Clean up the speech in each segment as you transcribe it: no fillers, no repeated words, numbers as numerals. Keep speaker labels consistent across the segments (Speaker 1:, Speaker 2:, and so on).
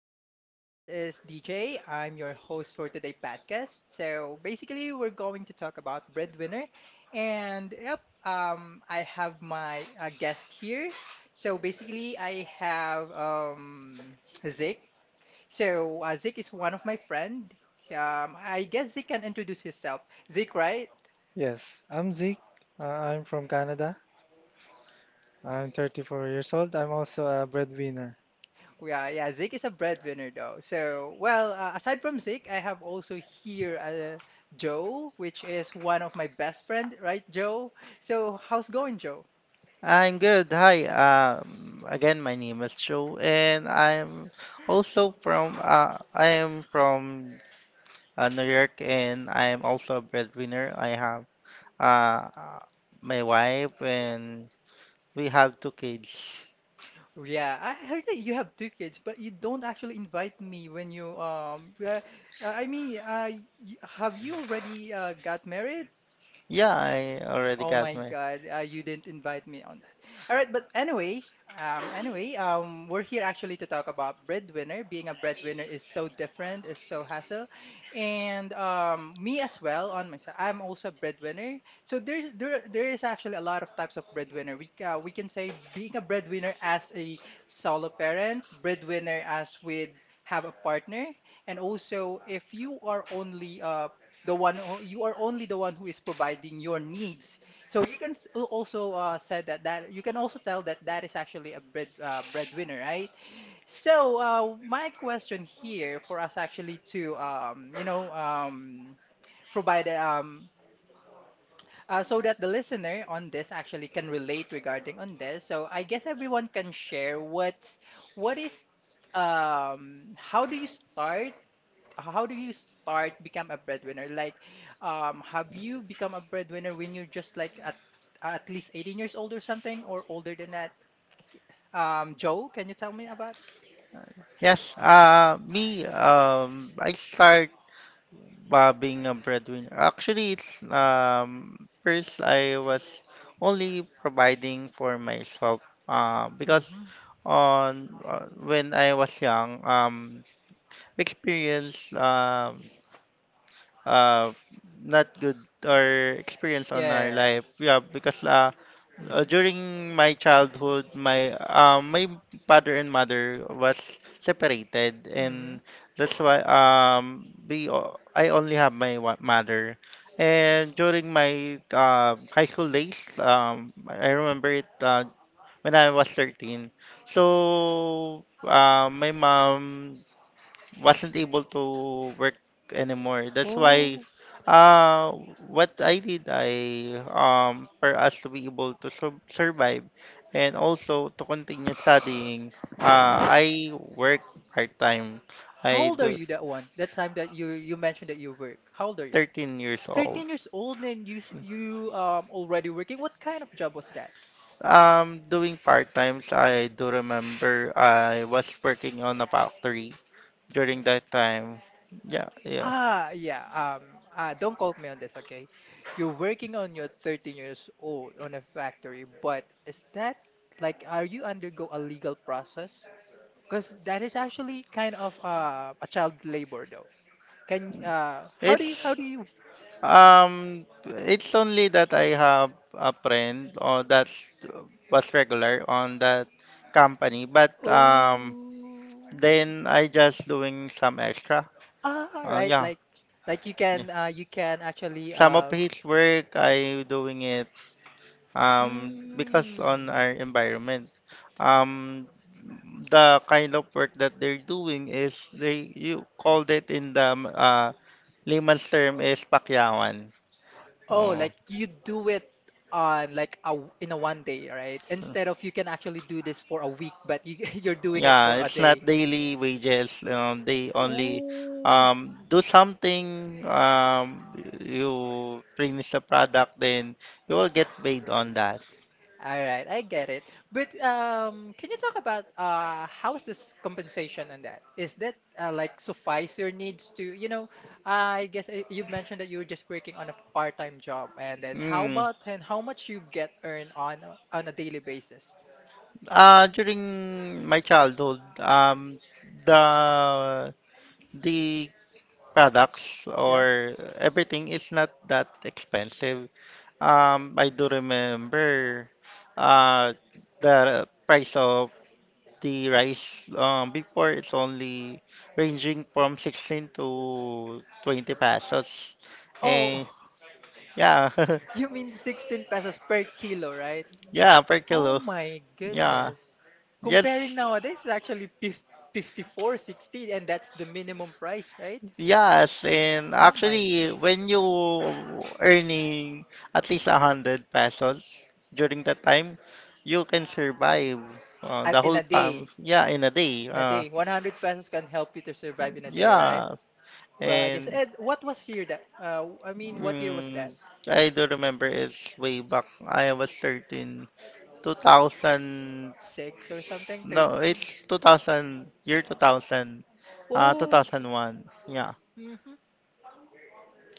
Speaker 1: good morning. This is DJ. I'm your host for today's podcast. So, basically, we're going to talk about breadwinner, and yep, I have my guest here. So, basically, I have Zeke. So, Zeke is one of my friend. I guess Zeke can introduce himself. Zeke, right?
Speaker 2: Yes, I'm Zeke. Uh, I'm from Canada. I'm 34 years old. I'm also a breadwinner.
Speaker 1: Yeah, yeah. Zeke is a breadwinner though. So, well, aside from Zeke, I have also here Joe, which is one of my best friend, right, Joe? So, how's going, Joe?
Speaker 3: I'm good. Hi. Again, my name is Joe, and I'm also from I am from New York, and I am also a breadwinner. I have uh, my wife, and we have two kids.
Speaker 1: Yeah, I heard that you have two kids, but you don't actually invite me when you. I mean, y have you already got married?
Speaker 3: Yeah, I already
Speaker 1: Oh
Speaker 3: got
Speaker 1: my
Speaker 3: my.
Speaker 1: God, you didn't invite me on that. All right, but anyway, we're here actually to talk about breadwinner. Being a breadwinner is so different, is so hassle, and me as well on myself. I'm also a breadwinner, so there is actually a lot of types of breadwinner. We can say being a breadwinner as a solo parent, breadwinner as with have a partner, and also if you are only the one who, you are only the one who is providing your needs so you can also said that that you can also tell that that is actually a breadwinner, right? So my question here for us actually to provide so that the listener on this actually can relate regarding on this. So I guess everyone can share what is um, how do you start how do you start become a breadwinner? Like, have you become a breadwinner when you're just like at least 18 years old or something, or older than that? K- Joe, can you tell me about it?
Speaker 3: Yes. Me. I start. Being a breadwinner. Actually, it's first I was only providing for myself because
Speaker 1: Mm-hmm.
Speaker 3: on when I was young, experience uh, not good or experience on our
Speaker 1: Yeah.
Speaker 3: life, yeah, because
Speaker 1: Mm-hmm.
Speaker 3: during my childhood, my father and mother was separated,
Speaker 1: Mm-hmm.
Speaker 3: and that's why I only have my mother. And during my high school days, I remember it, when I was 13. So my mom wasn't able to work anymore. That's why,
Speaker 1: Oh,
Speaker 3: uh what I did, I for us to be able to survive and also to continue studying, I work part-time.
Speaker 1: how
Speaker 3: I
Speaker 1: old are
Speaker 3: do
Speaker 1: you that one? That time that you mentioned that you work. How old are you?
Speaker 3: 13 years old.
Speaker 1: 13 years old and you already working. What kind of job was that?
Speaker 3: Doing part-times, I do remember I was working on a factory during that time. Yeah, yeah.
Speaker 1: Ah, yeah. Don't quote me on this, okay? You're working on your 13 years old on a factory, but is that like, are you undergo a legal process? Because that is actually kind of a child labor, though. Can how do
Speaker 3: It's
Speaker 1: you?
Speaker 3: Um, it's only that I have a friend or that's was regular on that company, but
Speaker 1: Oh,
Speaker 3: then I just doing some extra.
Speaker 1: ah, right.
Speaker 3: Yeah,
Speaker 1: Like,
Speaker 3: yeah.
Speaker 1: you can actually
Speaker 3: Some of his work I doing it, because
Speaker 1: mm,
Speaker 3: on our environment. Um, the kind of work that they're doing is they you called it in the layman's term is pakyawan.
Speaker 1: oh,
Speaker 3: Oh.
Speaker 1: like you do it on like a in a one day, right? Instead of you can actually do this for a week, but you you're doing it for
Speaker 3: Yeah,
Speaker 1: a
Speaker 3: it's not
Speaker 1: day.
Speaker 3: daily wages. They only
Speaker 1: Ooh.
Speaker 3: do something. You finish the product, then you will get paid on that.
Speaker 1: All right, I get it. But can you talk about how is this compensation on that? Is that like suffice your needs to, I guess you mentioned that you were just working on a part-time job, and then how
Speaker 3: Mm.
Speaker 1: about and how much you get earned on on a daily basis?
Speaker 3: During my childhood, the the products
Speaker 1: Yeah.
Speaker 3: or everything is not that expensive. I do remember, uh, the price of the rice, before, it's only ranging from 16 to 20 pesos. And
Speaker 1: Oh,
Speaker 3: yeah,
Speaker 1: you mean 16 pesos per kilo, right?
Speaker 3: yeah, per
Speaker 1: Oh
Speaker 3: kilo.
Speaker 1: my
Speaker 3: Yeah,
Speaker 1: goodness. Comparing
Speaker 3: yes.
Speaker 1: nowadays is actually 54, 60, and that's the minimum price, right?
Speaker 3: Yes, and
Speaker 1: Oh my
Speaker 3: actually,
Speaker 1: goodness!
Speaker 3: when you earning at least 100 pesos during that time, you can survive
Speaker 1: Uh,
Speaker 3: the
Speaker 1: In
Speaker 3: whole
Speaker 1: a
Speaker 3: time.
Speaker 1: day,
Speaker 3: Yeah, in a day.
Speaker 1: in a day, 100 pesos can help you to survive in a day, right?
Speaker 3: Yeah,
Speaker 1: Well, I guess.
Speaker 3: and
Speaker 1: And what was year that? I mean, what year was
Speaker 3: mm,
Speaker 1: that?
Speaker 3: I don't remember. It's way back. I was 13. 2000.
Speaker 1: Six or something?
Speaker 3: No, it's
Speaker 1: 13?
Speaker 3: 2000. Year 2000.
Speaker 1: Oh,
Speaker 3: 2001. Yeah.
Speaker 1: mhm.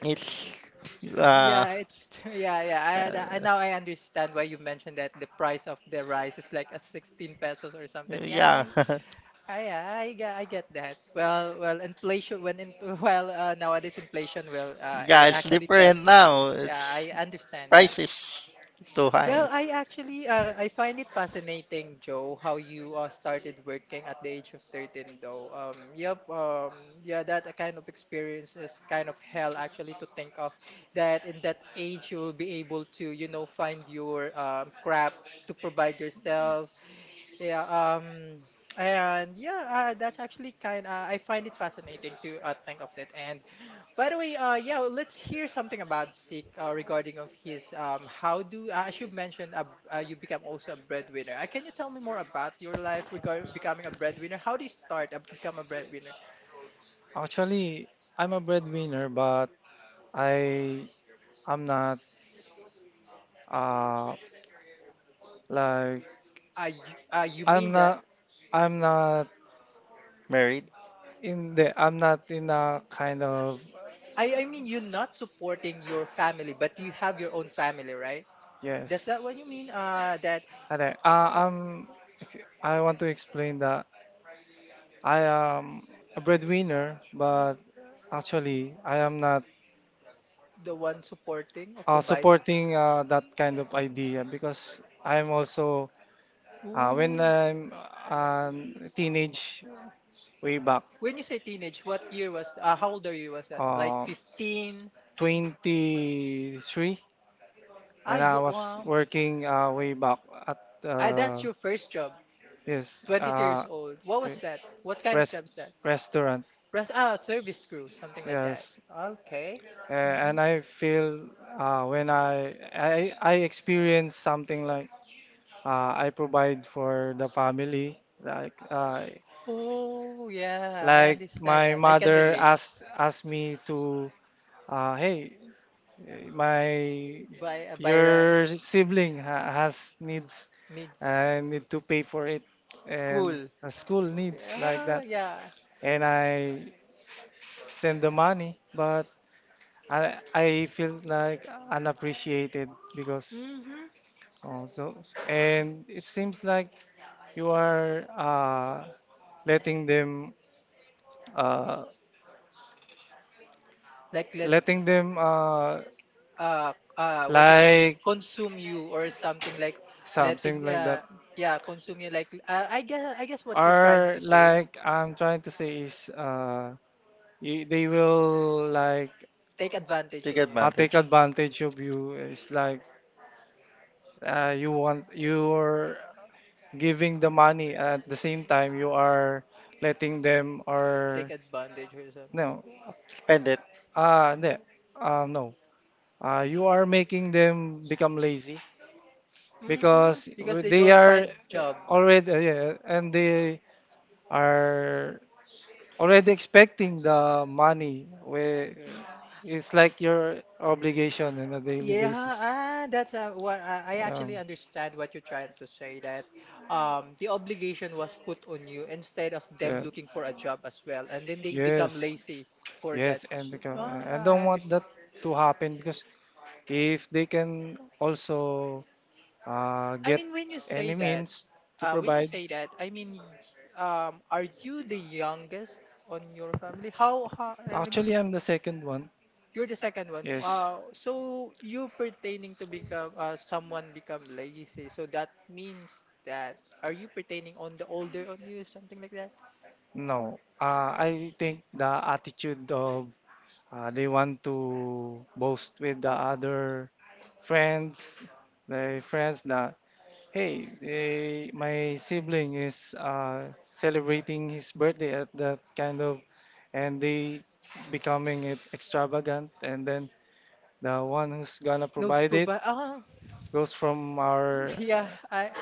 Speaker 3: It's uh, uh,
Speaker 1: Yeah, yeah, yeah. I now I understand why you mentioned that the price of the rice is like a 16 pesos or something. Yeah,
Speaker 3: yeah.
Speaker 1: I I get I get that. Well, well, inflation when in well nowadays inflation will
Speaker 3: Yeah,
Speaker 1: it
Speaker 3: it's
Speaker 1: actually tells
Speaker 3: different
Speaker 1: you.
Speaker 3: now.
Speaker 1: Yeah,
Speaker 3: It's
Speaker 1: I understand that.
Speaker 3: price is too
Speaker 1: Well,
Speaker 3: high.
Speaker 1: I actually I find it fascinating, Joe, how you started working at the age of 13 though. Yep, yeah, that kind of experience is kind of hell actually to think of that in that age you will be able to, find your craft to provide yourself yeah, and yeah, that's actually kind. I find it fascinating to think of that. And by the way, yeah, let's hear something about Zeke regarding of his. How do As you mentioned, you become also a breadwinner. Can you tell me more about your life regard becoming a breadwinner? How do you start become a breadwinner?
Speaker 2: Actually, I'm a breadwinner, but I I'm not uh like
Speaker 1: You
Speaker 2: I'm
Speaker 1: mean that?
Speaker 2: not
Speaker 3: Married,
Speaker 2: in the I'm not in a kind of
Speaker 1: I mean you're not supporting your family, but you have your own family, right? That's
Speaker 2: yes. Are-
Speaker 1: that what you mean? That
Speaker 2: Uh, i I want to explain that I am a breadwinner, but actually I am not
Speaker 1: the one supporting or provide.
Speaker 2: supporting that kind of idea because I'm also when
Speaker 1: Ooh.
Speaker 2: I'm teenage way back
Speaker 1: When you say teenage, what year was how old are you was that? Like
Speaker 2: uh,
Speaker 1: 15 something?
Speaker 2: 23
Speaker 1: Ah,
Speaker 2: and I
Speaker 1: you
Speaker 2: was working way back at
Speaker 1: ah
Speaker 2: uh,
Speaker 1: that's your first job.
Speaker 2: yes
Speaker 1: 22 years old. What was
Speaker 2: re-
Speaker 1: that? What kind of job
Speaker 2: rest
Speaker 1: is that?
Speaker 2: restaurant
Speaker 1: Res ah service crew, something like that.
Speaker 2: yes,
Speaker 1: Okay. Mm-hmm.
Speaker 2: And I feel when I experience something like I provide for the family.
Speaker 1: Oh, yeah, I
Speaker 2: Like
Speaker 1: understand
Speaker 2: my
Speaker 1: that. I can
Speaker 2: mother
Speaker 1: relate.
Speaker 2: asked me to, hey, my
Speaker 1: By right
Speaker 2: your sibling ha has needs.
Speaker 1: needs
Speaker 2: I need to pay for it and
Speaker 1: school.
Speaker 2: a school needs like
Speaker 1: Yeah,
Speaker 2: that,
Speaker 1: yeah.
Speaker 2: and I send the money, but I feel like unappreciated because
Speaker 1: Mm-hmm.
Speaker 2: oh, so and it seems like you are letting them uh,
Speaker 1: Like let
Speaker 2: letting them
Speaker 1: uh what you call
Speaker 2: like
Speaker 1: consume you or something like
Speaker 2: something
Speaker 1: letting
Speaker 2: like that
Speaker 1: yeah consume you like I guess what you're trying
Speaker 2: or
Speaker 1: to say
Speaker 2: like I'm trying to say is they will like
Speaker 1: take advantage
Speaker 3: take
Speaker 1: on you
Speaker 2: take
Speaker 3: advantage,
Speaker 2: advantage of you. It's like you want you're giving the money, at the same time you are letting them or
Speaker 1: take advantage or something.
Speaker 2: no
Speaker 3: spend it.
Speaker 2: uh no, no. You are making them become lazy
Speaker 1: Mm-hmm.
Speaker 2: because
Speaker 1: Because they
Speaker 2: they
Speaker 1: don't
Speaker 2: are
Speaker 1: find
Speaker 2: uh,
Speaker 1: job.
Speaker 2: already yeah, and they are already expecting the money, where
Speaker 1: Mhm.
Speaker 2: it's like your obligation on a daily
Speaker 1: Yeah,
Speaker 2: basis.
Speaker 1: ah, that's what I actually
Speaker 2: um,
Speaker 1: understand what you're trying to say that the obligation was put on you instead of them
Speaker 2: yeah.
Speaker 1: looking for a job as well and then they become
Speaker 2: Yes,
Speaker 1: lazy for
Speaker 2: yes,
Speaker 1: that
Speaker 2: and
Speaker 1: shit.
Speaker 2: because
Speaker 1: Ah,
Speaker 2: I
Speaker 1: I
Speaker 2: don't want that
Speaker 1: understand.
Speaker 2: to happen because if they can also
Speaker 1: I
Speaker 2: get
Speaker 1: mean, when you say
Speaker 2: any
Speaker 1: that,
Speaker 2: means to provide.
Speaker 1: I mean, are you the youngest on your family? I mean,
Speaker 2: Actually, I'm the second one.
Speaker 1: you're the second one.
Speaker 2: Yes.
Speaker 1: So you pertaining to become, someone become lazy. So that means that, are you pertaining on the older on you, something like that?
Speaker 2: No. I think the attitude of they want to boast with the other friends, the friends that, hey, they, my sibling is celebrating his birthday at that kind of, and they becoming it extravagant, and then the one who's gonna
Speaker 1: No
Speaker 2: provide it
Speaker 1: supervi- Ah,
Speaker 2: goes from our
Speaker 1: yeah.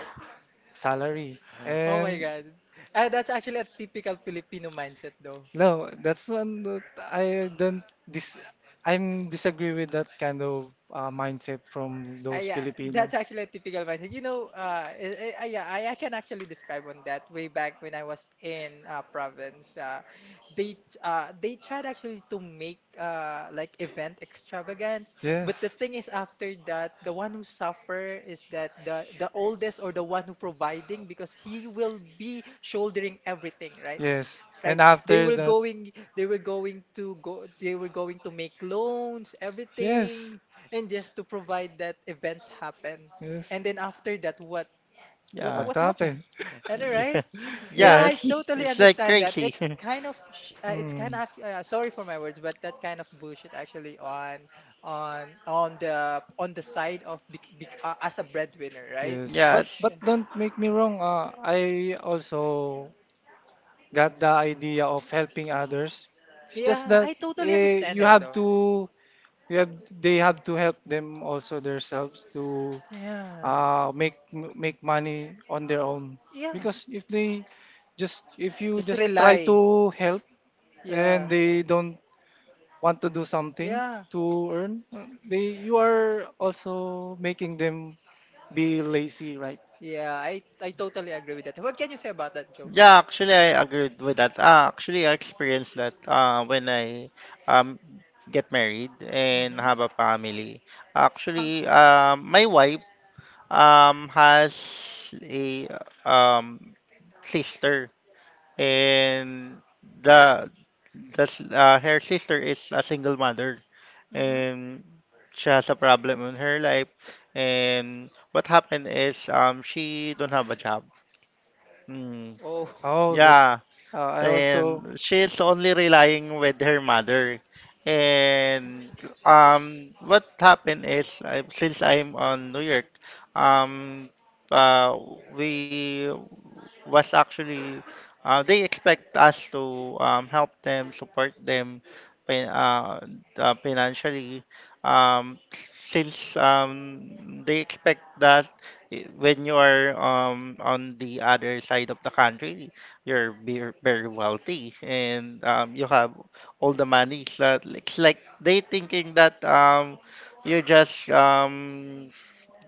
Speaker 2: salary.
Speaker 1: oh my
Speaker 2: And
Speaker 1: God. That's actually a typical Filipino mindset, though.
Speaker 2: no, that's one that I don't dis I'm disagree with that kind of mindset from those
Speaker 1: Yeah,
Speaker 2: Filipino.
Speaker 1: that's actually a typical mindset. You know, yeah, I can actually describe on that way back when I was in province. They they tried actually to make like event extravagant, but the
Speaker 2: Yes.
Speaker 1: thing is after that, the one who suffer is that the oldest or the one who providing because he will be shouldering everything, right?
Speaker 2: Yes. And
Speaker 1: Right?
Speaker 2: after that,
Speaker 1: They were going to make loans,
Speaker 2: yes.
Speaker 1: everything, and just to provide that events happen.
Speaker 2: Yes.
Speaker 1: And then after that,
Speaker 3: Yeah.
Speaker 2: What
Speaker 1: what happened?
Speaker 2: happened?
Speaker 1: Am I right?
Speaker 3: Yeah.
Speaker 1: Yeah,
Speaker 3: Yeah,
Speaker 1: I
Speaker 2: Yes.
Speaker 3: it's
Speaker 1: totally
Speaker 3: it's like
Speaker 1: understand that.
Speaker 3: crazy.
Speaker 1: It's kind of, it's
Speaker 2: Mm.
Speaker 1: kind of, sorry for my words, but that kind of bullshit actually on the side of bec bec as a breadwinner, right?
Speaker 2: Yes,
Speaker 3: Yeah, it's-
Speaker 2: but
Speaker 1: Yeah.
Speaker 2: don't make me wrong. I also got the idea of helping others. It's just
Speaker 1: Yeah,
Speaker 2: that
Speaker 1: I totally
Speaker 2: eh,
Speaker 1: understand
Speaker 2: you
Speaker 1: that
Speaker 2: have
Speaker 1: though.
Speaker 2: to, you have, they have to help them also themselves to
Speaker 1: Yeah.
Speaker 2: make money on their own,
Speaker 1: Yeah.
Speaker 2: because if they just if you
Speaker 1: Just
Speaker 2: just try
Speaker 1: rely.
Speaker 2: to help and
Speaker 1: Yeah.
Speaker 2: they don't want to do something
Speaker 1: Yeah.
Speaker 2: to earn they, you are also making them be lazy, right?
Speaker 1: Yeah. I totally agree with that. What can you say about that, Joe?
Speaker 3: yeah, actually I agreed with that. Actually I experienced that when I um get married and
Speaker 1: Mm-hmm.
Speaker 3: have a family.
Speaker 1: How?
Speaker 3: Actually, my wife has a um sister, and the her sister is a single mother.
Speaker 1: Mm-hmm.
Speaker 3: And she has a problem in her life. And what happened is, she don't have a job. Mm.
Speaker 1: Oh,
Speaker 2: Oh, that's
Speaker 3: Yeah,
Speaker 2: I also
Speaker 3: and she's only relying with her mother. And what happened is, since I'm on New York, um uh, we was actually, they expect us to help them, support them fin- uh, financially. Since, they expect that, when you are, on the other side of the country, you're very, very wealthy, and you have all the money. So it's like they thinking that, you're just,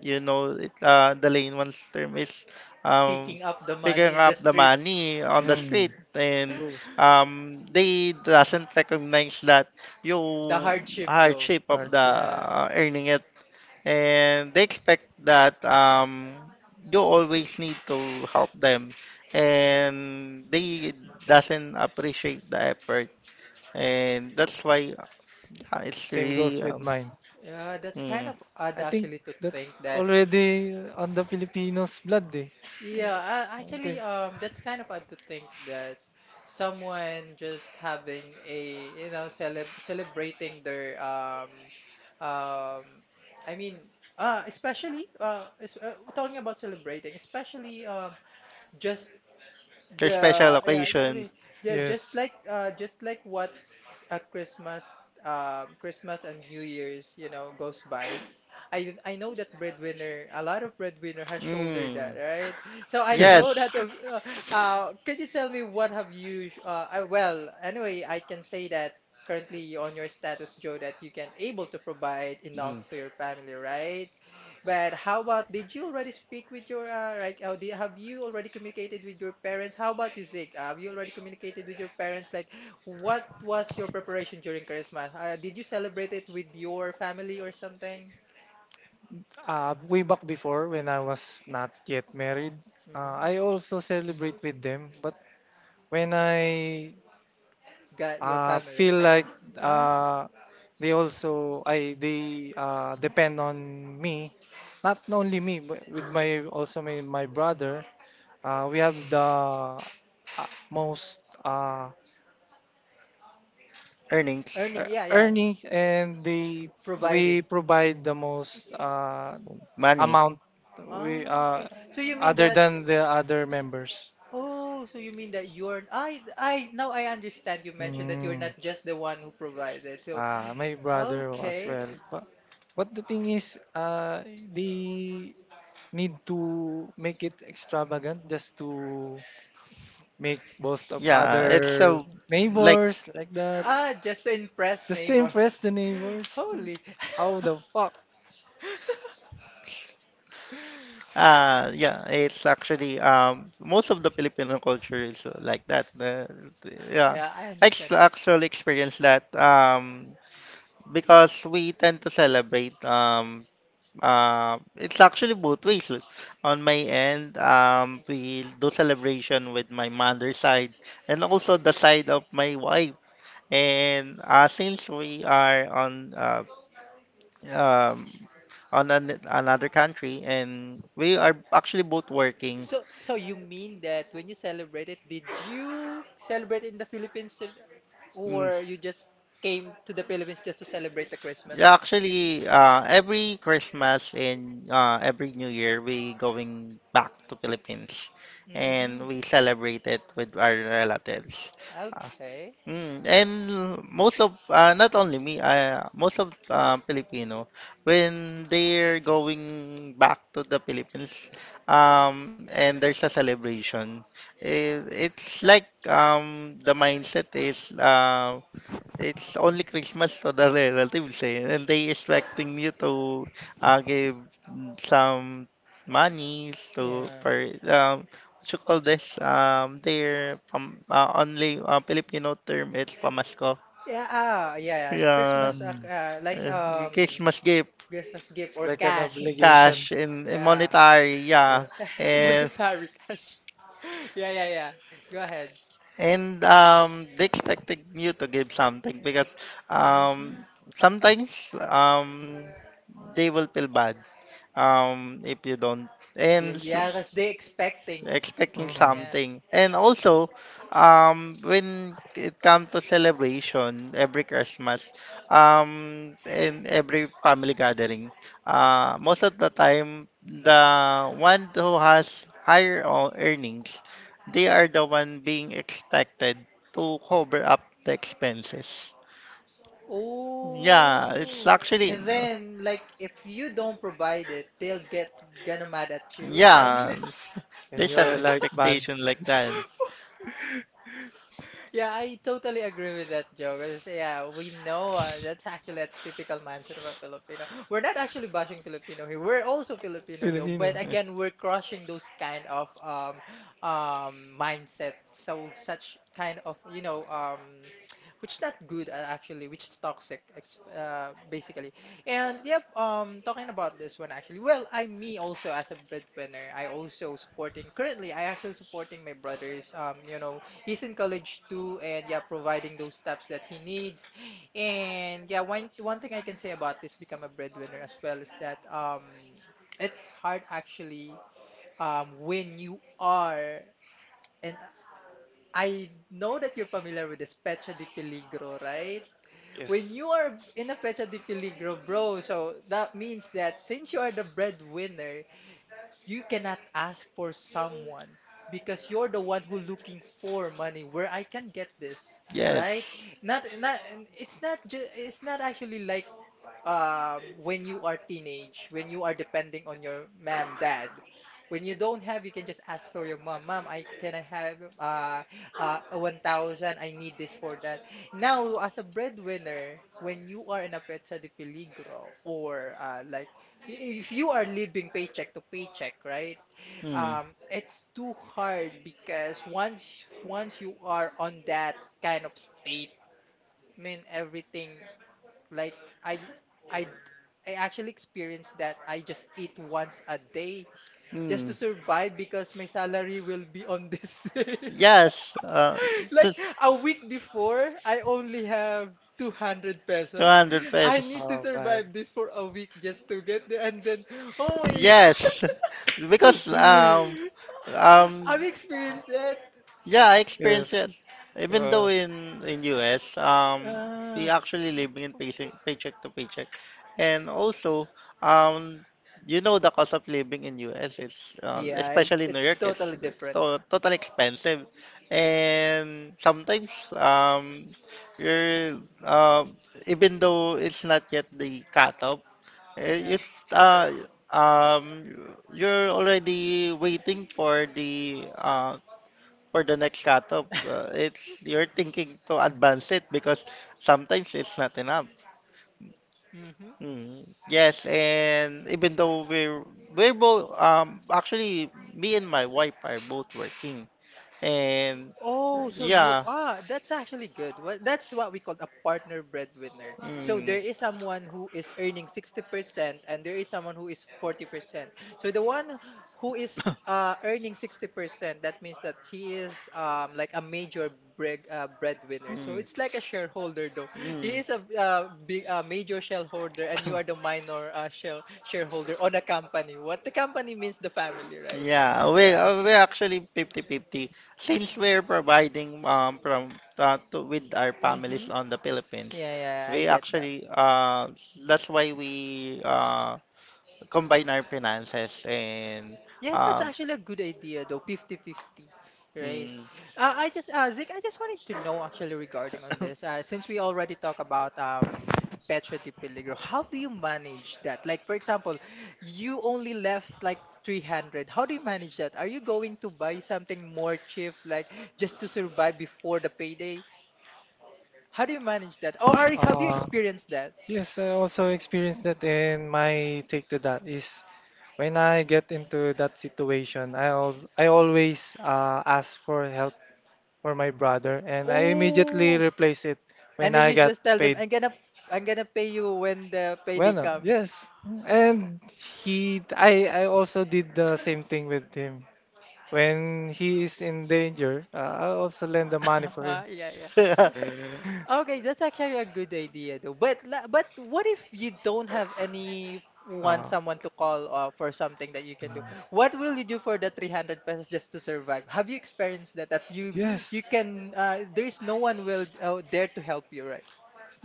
Speaker 3: you know it, the lane one's term is, um,
Speaker 1: picking up the money
Speaker 3: picking
Speaker 1: in the
Speaker 3: up the
Speaker 1: street.
Speaker 3: money on the
Speaker 2: mm,
Speaker 3: street, and
Speaker 2: true.
Speaker 3: they doesn't recognize that you
Speaker 1: The hardship, though.
Speaker 3: hardship of the
Speaker 2: Hardship
Speaker 1: Yeah.
Speaker 3: earning it, and they expect that, you always need to help them, and they doesn't appreciate the effort, and that's why, it's
Speaker 2: same goes
Speaker 3: really,
Speaker 2: with mine.
Speaker 1: Yeah, that's kind
Speaker 3: mm,
Speaker 1: of odd
Speaker 2: I think
Speaker 1: actually to
Speaker 2: that's
Speaker 1: think that.
Speaker 2: already on the Filipinos blood, eh.
Speaker 1: Yeah,
Speaker 2: I
Speaker 1: actually,
Speaker 2: think
Speaker 1: that's kind of odd to think that someone just having a, celebrating their, um, I mean, especially, es we're talking about celebrating, especially, just
Speaker 3: for special
Speaker 1: yeah, I
Speaker 3: occasion.
Speaker 1: mean, yeah,
Speaker 2: yes.
Speaker 1: just like what Christmas, Christmas and New Year's, goes by, I know that breadwinner, a lot of breadwinner has shouldered
Speaker 3: Mm.
Speaker 1: that, right? So I
Speaker 2: See,
Speaker 1: know that.
Speaker 3: Yes.
Speaker 1: Can you tell me what have you? Well, anyway, I can say that currently on your status, Joe, that you can able to provide enough
Speaker 3: Mm.
Speaker 1: to your family, right? But how about did you already speak with your like have you already communicated with your parents? How about you, Zeke? Have you already communicated with your parents? Like, what was your preparation during Christmas? Did you celebrate it with your family or something?
Speaker 2: way back before, when I was not yet married, I
Speaker 1: Mm-hmm.
Speaker 2: also celebrate with them. But when I
Speaker 1: Got your family.
Speaker 2: feel like
Speaker 1: Uh-huh.
Speaker 2: uh, they also, I they depend on me, not only me, but with my also my brother. We have the most uh,
Speaker 3: Earnings.
Speaker 1: Earning, yeah, yeah.
Speaker 2: earnings, and they we
Speaker 1: Providing.
Speaker 2: provide the most
Speaker 3: Money.
Speaker 2: amount we
Speaker 1: Ah, okay. So you mean
Speaker 2: other
Speaker 1: that?
Speaker 2: than the other members.
Speaker 1: Oh, so you mean that you're? I now I understand. You mentioned that you're
Speaker 2: Mm.
Speaker 1: not just the one who provided. So
Speaker 2: Ah, my brother as
Speaker 1: okay.
Speaker 2: well. But the thing is, they need to make it extravagant just to make most of
Speaker 3: Yeah, it's
Speaker 2: other
Speaker 3: a like
Speaker 2: neighbors like that,
Speaker 1: Ah, just to impress
Speaker 2: just to
Speaker 1: neighbor.
Speaker 2: impress the neighbors.
Speaker 1: Holy.
Speaker 2: How the fuck?
Speaker 3: yeah, it's actually most of the Filipino culture is like that. Yeah.
Speaker 1: Yeah, I understand.
Speaker 3: Actually experienced that because we tend to celebrate it's actually both ways. On my end, we do celebration with my mother's side and also the side of my wife. And since we are on, um, on an, another country, and we are actually both working.
Speaker 1: So, so you mean that when you celebrated, did you celebrate in the Philippines too,
Speaker 3: Mm.
Speaker 1: or you just came to the Philippines just to celebrate the Christmas?
Speaker 3: Yeah, actually, every Christmas and every New Year, we going back to Philippines,
Speaker 1: Mm-hmm.
Speaker 3: and we celebrate it with our relatives. Uh,
Speaker 1: Okay.
Speaker 3: Okay. And most of, not only me, most of Filipino, when they're going back to the Philippines, and there's a celebration, it's like, the mindset is. It's only Christmas to the relatives, eh, and they expecting you to give some money to
Speaker 1: Yeah.
Speaker 3: per, what you call this, their pam only Filipino term it's pamasko.
Speaker 1: Yeah, ah, yeah, yeah.
Speaker 3: Yeah,
Speaker 1: Christmas,
Speaker 2: Mm.
Speaker 3: Christmas gift,
Speaker 1: Christmas gift or
Speaker 2: Like an
Speaker 1: cash. Yeah.
Speaker 2: obligation.
Speaker 3: cash , and
Speaker 1: Yeah.
Speaker 3: monetary. Yeah,
Speaker 2: Yes.
Speaker 3: and.
Speaker 1: Monetary cash. Yeah, yeah, yeah. Go ahead.
Speaker 3: And they expected you to give something because, um,
Speaker 1: Mm-hmm.
Speaker 3: sometimes, they will feel bad if you don't and
Speaker 1: Give.
Speaker 3: s-
Speaker 1: Yeah, because they expecting.
Speaker 3: expecting
Speaker 2: Mm.
Speaker 1: Yeah.
Speaker 3: something, and also when it comes to celebration every Christmas, and every family gathering, most of the time the one who has higher earnings, they are the one being expected to cover up the expenses. Yeah, it's
Speaker 1: Oh.
Speaker 3: actually
Speaker 1: And then, like, if you don't provide it, they'll get gonna mad at you or something.
Speaker 3: yeah,
Speaker 2: Um, and
Speaker 3: there's
Speaker 2: you
Speaker 3: an
Speaker 2: are like bad
Speaker 3: expectation like that.
Speaker 1: Yeah, I totally agree with that, Joe. 'Cause, yeah, we know that's actually a typical mindset of a Filipino. We're not actually bashing Filipino here. We're also Filipino though,
Speaker 2: Filipino.
Speaker 1: but again, we're crushing those kind of mindset. So such kind of which not good actually, which is toxic basically. And yep, talking about this one actually. Well, I me also as a breadwinner, I also supporting currently. I actually supporting my brothers. You know he's in college too, and yeah, providing those steps that he needs. And yeah, one thing I can say about this become a breadwinner as well is that it's hard actually when you are, and I know that you're familiar with this pecha de peligro, right? When
Speaker 2: Yes.
Speaker 1: you are in a pecha de peligro, bro, so that means that since you are the breadwinner, you cannot ask for someone because you're the one who looking for money, where I can get this, right?
Speaker 3: Yes.
Speaker 1: Not and it's not ju- it's not actually like when you are teenage, when you are depending on your mom, dad. When you don't have, you can just ask for your mom. Mom, I can I have 1,000? I need this for that. Now, as a breadwinner, when you are in a petsa de peligro or like if you are living paycheck to paycheck, right?
Speaker 3: Hmm. Hmm.
Speaker 1: It's too hard because once you are on that kind of state, I mean everything, like I. I I actually experienced that I just eat once a day just to survive because my salary will be on this day.
Speaker 3: Yes,
Speaker 1: Like
Speaker 3: just
Speaker 1: a week before, I only have 200 pesos.
Speaker 3: 200
Speaker 1: I
Speaker 3: pesos.
Speaker 1: need to
Speaker 2: Oh, bad.
Speaker 1: survive this for a week just to get there. And then, oh my God,
Speaker 3: Yes, because um
Speaker 1: I've experienced that.
Speaker 3: yeah, I experienced
Speaker 2: Yes.
Speaker 3: it. Even though
Speaker 2: Uh,
Speaker 3: in US, we
Speaker 1: Uh,
Speaker 3: actually living in paycheck to paycheck, and also, um, you know, the cost of living in US is,
Speaker 1: yeah,
Speaker 3: especially in New
Speaker 1: it's
Speaker 3: York, it's
Speaker 1: totally different.
Speaker 3: to totally expensive, and sometimes, you're, even though it's not yet the cut. Eh,
Speaker 1: Yeah.
Speaker 3: You, s- uh, um, you're already waiting for the, for the next cutoff. It's you're thinking to advance it because sometimes it's not enough.
Speaker 1: Mm-hmm.
Speaker 3: Mm. Yes, and even though we're both, actually me and my wife are both working, and
Speaker 1: Oh, so you
Speaker 3: yeah.
Speaker 1: are. That's actually good. Well, that's what we call a partner breadwinner. So
Speaker 3: Mm.
Speaker 1: there is someone who is earning 60%, and there is someone who is 40%. So the one who is earning 60%, that means that she is like a major breadwinner. So
Speaker 3: Mm.
Speaker 1: it's like a shareholder though. He
Speaker 3: Mm.
Speaker 1: is a, big, a major shareholder, and you are the minor shareholder on a company. What the company means, the family, right?
Speaker 3: Yeah, we
Speaker 1: Yeah.
Speaker 3: uh, we actually fifty-fifty. Since we're providing from, to with our
Speaker 1: Hmm.
Speaker 3: families on the Philippines.
Speaker 1: Yeah, yeah, I
Speaker 3: We
Speaker 1: get that.
Speaker 3: actually That's why we combine our finances, and
Speaker 1: Yeah, that's
Speaker 3: um
Speaker 1: actually a good idea though, 50-50, right?
Speaker 3: mm,
Speaker 1: I just Zeke, I just wanted to know actually regarding on this. Since we already talk about Petra de Peligro, how do you manage that? Like for example, you only left like 300. How do you manage that? Are you going to buy something more cheap like just to survive before the payday? How do you manage that? Have you
Speaker 2: uh,
Speaker 1: experienced that?
Speaker 2: Yes, I also experienced that, and my take to that is when I get into that situation, I always ask for help for my brother, and I immediately
Speaker 1: Oh,
Speaker 2: replace it
Speaker 1: and
Speaker 2: when
Speaker 1: then
Speaker 2: I
Speaker 1: you
Speaker 2: got
Speaker 1: just tell them,
Speaker 2: paid.
Speaker 1: I'm gonna pay you when the payday
Speaker 2: Bueno,
Speaker 1: comes.
Speaker 2: yes, and he, I also did the same thing with him. When he is in danger, I also lend the money for him.
Speaker 1: Yeah, yeah. Okay, that's actually a good idea though. But what if you don't have any one
Speaker 2: Uh,
Speaker 1: someone to call off for something that you can do?
Speaker 2: mm.
Speaker 1: What will you do for the 300 pesos just to survive? Have you experienced that that
Speaker 2: Yes.
Speaker 1: you can there is no one will there to help you, right?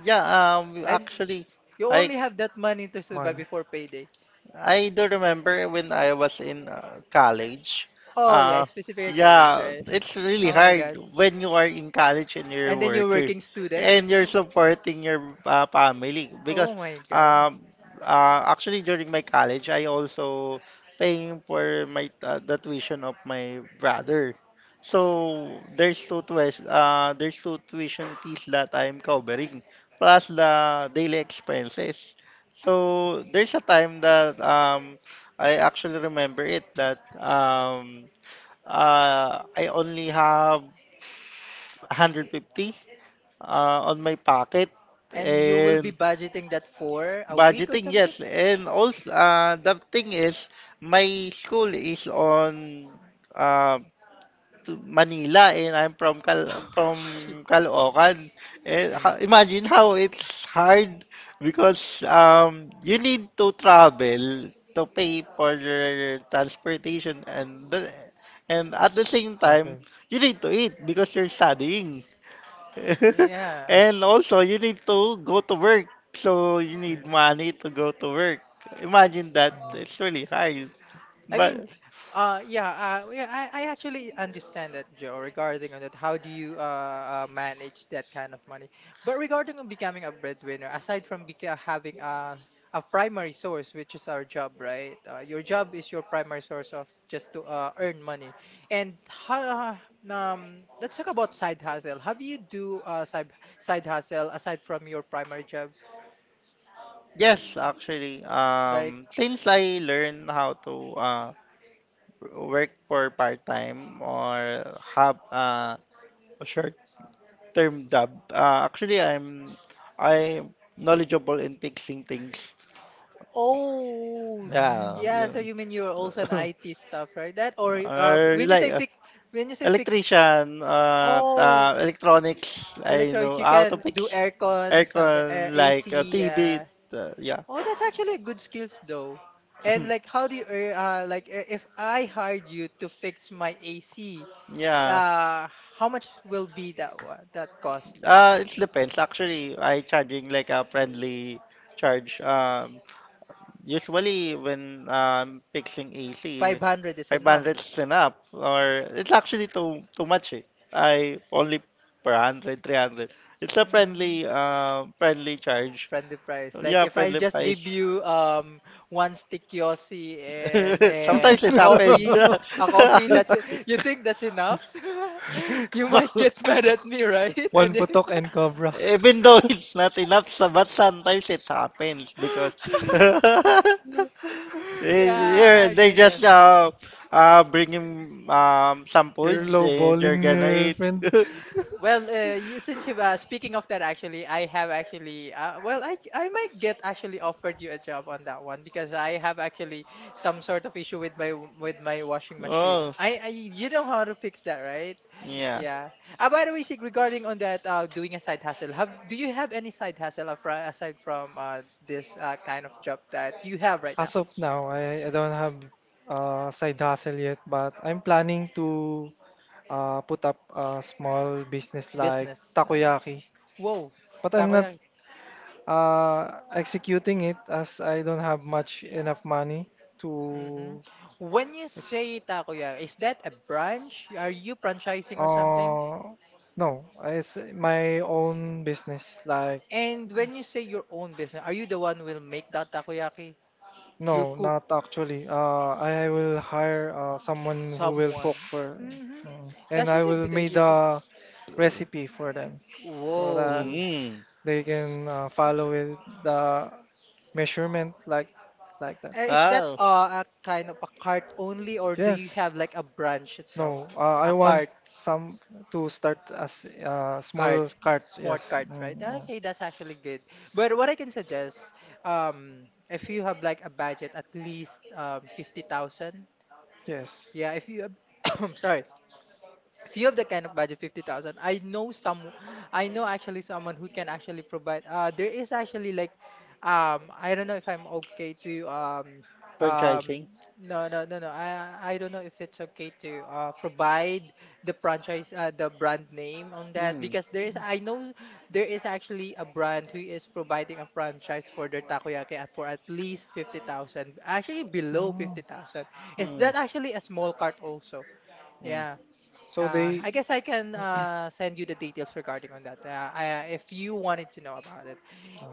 Speaker 3: yeah,
Speaker 1: And
Speaker 3: actually
Speaker 1: you
Speaker 3: I
Speaker 1: only have that money to survive
Speaker 2: Money.
Speaker 1: before payday.
Speaker 3: I do remember when I was in college.
Speaker 1: Oh yeah,
Speaker 3: Uh,
Speaker 1: specifically college,
Speaker 3: yeah,
Speaker 1: right?
Speaker 3: it's really
Speaker 1: Oh my
Speaker 3: hard
Speaker 1: God.
Speaker 3: when you are in college and you're a
Speaker 1: And then you're
Speaker 3: worker,
Speaker 1: working student.
Speaker 3: and you're
Speaker 1: Oh,
Speaker 3: supporting your family, because,
Speaker 1: oh my God.
Speaker 3: um, actually during my college, I also paying for my the tuition of my brother. So there's two tuition fees that I'm covering, plus the daily expenses. So there's a time that, I actually remember it, that I only have 150 on my pocket,
Speaker 1: And you will
Speaker 3: and
Speaker 1: be budgeting that for a week or
Speaker 3: budgeting,
Speaker 1: something?
Speaker 3: yes, and also, the thing is, my school is on, um to Manila, and I'm from
Speaker 1: Shit.
Speaker 3: Caloocan. And imagine how it's hard, because you need to travel, to pay for your transportation and at the same
Speaker 2: I
Speaker 3: time
Speaker 2: think.
Speaker 3: you need to eat because you're
Speaker 2: Yes.
Speaker 3: studying.
Speaker 1: Yeah.
Speaker 3: And also you need to go to work. So you need money to go to work. Imagine that. It's really hard.
Speaker 1: I mean,
Speaker 3: But
Speaker 1: yeah, I actually understand that, Joe, regarding on that. How do you manage that kind of money? But regarding on becoming a breadwinner, aside from beca having a primary source, which is our job, right? Your job is your primary source of just to earn money. And how, let's talk about side hustle. Have you do side hustle aside from your primary job?
Speaker 3: Yes, actually.
Speaker 1: Like,
Speaker 3: Since I learned how to work for part-time, or have a short-term job, actually I'm knowledgeable in fixing things.
Speaker 1: oh,
Speaker 2: Mm.
Speaker 3: Yeah.
Speaker 1: yeah,
Speaker 3: Yeah.
Speaker 1: so you mean you're also an IT stuff, right? That or
Speaker 3: Or
Speaker 1: when you
Speaker 3: like,
Speaker 1: say fix, when you say fixed,
Speaker 3: electrician,
Speaker 1: oh,
Speaker 3: electronics. I
Speaker 1: electronic,
Speaker 3: know
Speaker 1: you
Speaker 3: how to
Speaker 1: can do
Speaker 3: fix
Speaker 1: aircon, something, air
Speaker 3: aircon, like
Speaker 1: AC.
Speaker 3: TV. Yeah.
Speaker 1: Oh, that's actually a good skills though. And like, how do you, like, if I hired you to fix my AC,
Speaker 3: Yeah.
Speaker 1: uh, how much will be that one, that cost?
Speaker 3: It depends. Actually, I charging like a friendly charge. Usually when fixing AC,
Speaker 1: 500 is enough.
Speaker 3: 500 is enough, or it's actually too much. Eh. I only per hundred, 300. It's a
Speaker 1: Mhm.
Speaker 3: friendly charge.
Speaker 1: Friendly price. Like
Speaker 3: Yeah,
Speaker 1: if I
Speaker 3: friendly
Speaker 1: just
Speaker 3: price.
Speaker 1: give you one stickiosi and and
Speaker 3: Sometimes it happens.
Speaker 1: a coffee,
Speaker 2: Mm.
Speaker 1: that's it. You think that's enough? You might get mad at me, right?
Speaker 2: One
Speaker 1: And then-
Speaker 2: putok and cobra.
Speaker 3: Even though it's not enough, but sometimes it happens because
Speaker 1: yeah, I
Speaker 3: they
Speaker 1: get that.
Speaker 3: just bring him some
Speaker 2: You're
Speaker 3: food and you're
Speaker 2: lowballing
Speaker 3: gonna
Speaker 2: your
Speaker 3: eat.
Speaker 2: friend.
Speaker 1: Well, since you've speaking of that, actually, I have actually, well, I might get actually offered you a job on that one because I have actually some sort of issue with my washing machine.
Speaker 3: Oh,
Speaker 1: I, you know how to fix that, right?
Speaker 3: yeah.
Speaker 1: Yeah. By the way, Sig, regarding on that, doing a side hustle, have do you have any side hustle aside from this kind of job that you have right
Speaker 2: As
Speaker 1: now?
Speaker 2: of now, I don't have side hustle yet, but I'm planning to put up a small business like
Speaker 1: Business.
Speaker 2: takoyaki.
Speaker 1: Whoa,
Speaker 2: But I'm not
Speaker 1: takoyaki.
Speaker 2: executing it as I don't have much enough money
Speaker 1: Hmm.
Speaker 2: to.
Speaker 1: When you
Speaker 2: Ex
Speaker 1: say Takoyaki, is that a branch? Are you franchising or something?
Speaker 2: uh, no, it's my own business like.
Speaker 1: And when you say your own business, are you the one who will make that takoyaki? You
Speaker 2: No,
Speaker 1: cook
Speaker 2: not actually. I will hire someone who will
Speaker 1: someone.
Speaker 2: cook for,
Speaker 1: Mm-hmm.
Speaker 2: mm, and
Speaker 1: That's
Speaker 2: I
Speaker 1: actually a
Speaker 2: will
Speaker 1: good
Speaker 2: make
Speaker 1: idea though.
Speaker 2: the recipe for them so that
Speaker 1: Whoa.
Speaker 3: Mm-hmm.
Speaker 2: they
Speaker 1: S-
Speaker 2: can follow with the measurement like that.
Speaker 1: Is that
Speaker 3: Oh,
Speaker 1: a kind of a cart only, or do you
Speaker 2: Yes.
Speaker 1: have like a branch itself?
Speaker 2: No, I
Speaker 1: A
Speaker 2: want
Speaker 1: cart.
Speaker 2: some to start as a
Speaker 1: Cart,
Speaker 2: small cart.
Speaker 1: smart
Speaker 2: Yes.
Speaker 1: cart, right?
Speaker 2: Mm,
Speaker 1: Ah,
Speaker 2: mm.
Speaker 1: okay, that's actually good. But what I can suggest, if you have like a budget at least 50,000,
Speaker 2: Yes.
Speaker 1: yeah, if you have, sorry, few of the kind of budget 50,000. I know some, I know actually someone who can actually provide, there is actually like I don't know if I'm okay to um
Speaker 3: franchising.
Speaker 1: no, no, no, no, I don't know if it's okay to provide the franchise, the brand name on that because there is, I know, there is actually a brand who is providing a franchise for their takoyaki at for at least 50,000, actually below
Speaker 2: Mm.
Speaker 1: 50,000. Is that actually a small cart also? Yeah,
Speaker 2: So they
Speaker 1: I guess I can send you the details regarding on that. If you wanted to know about it.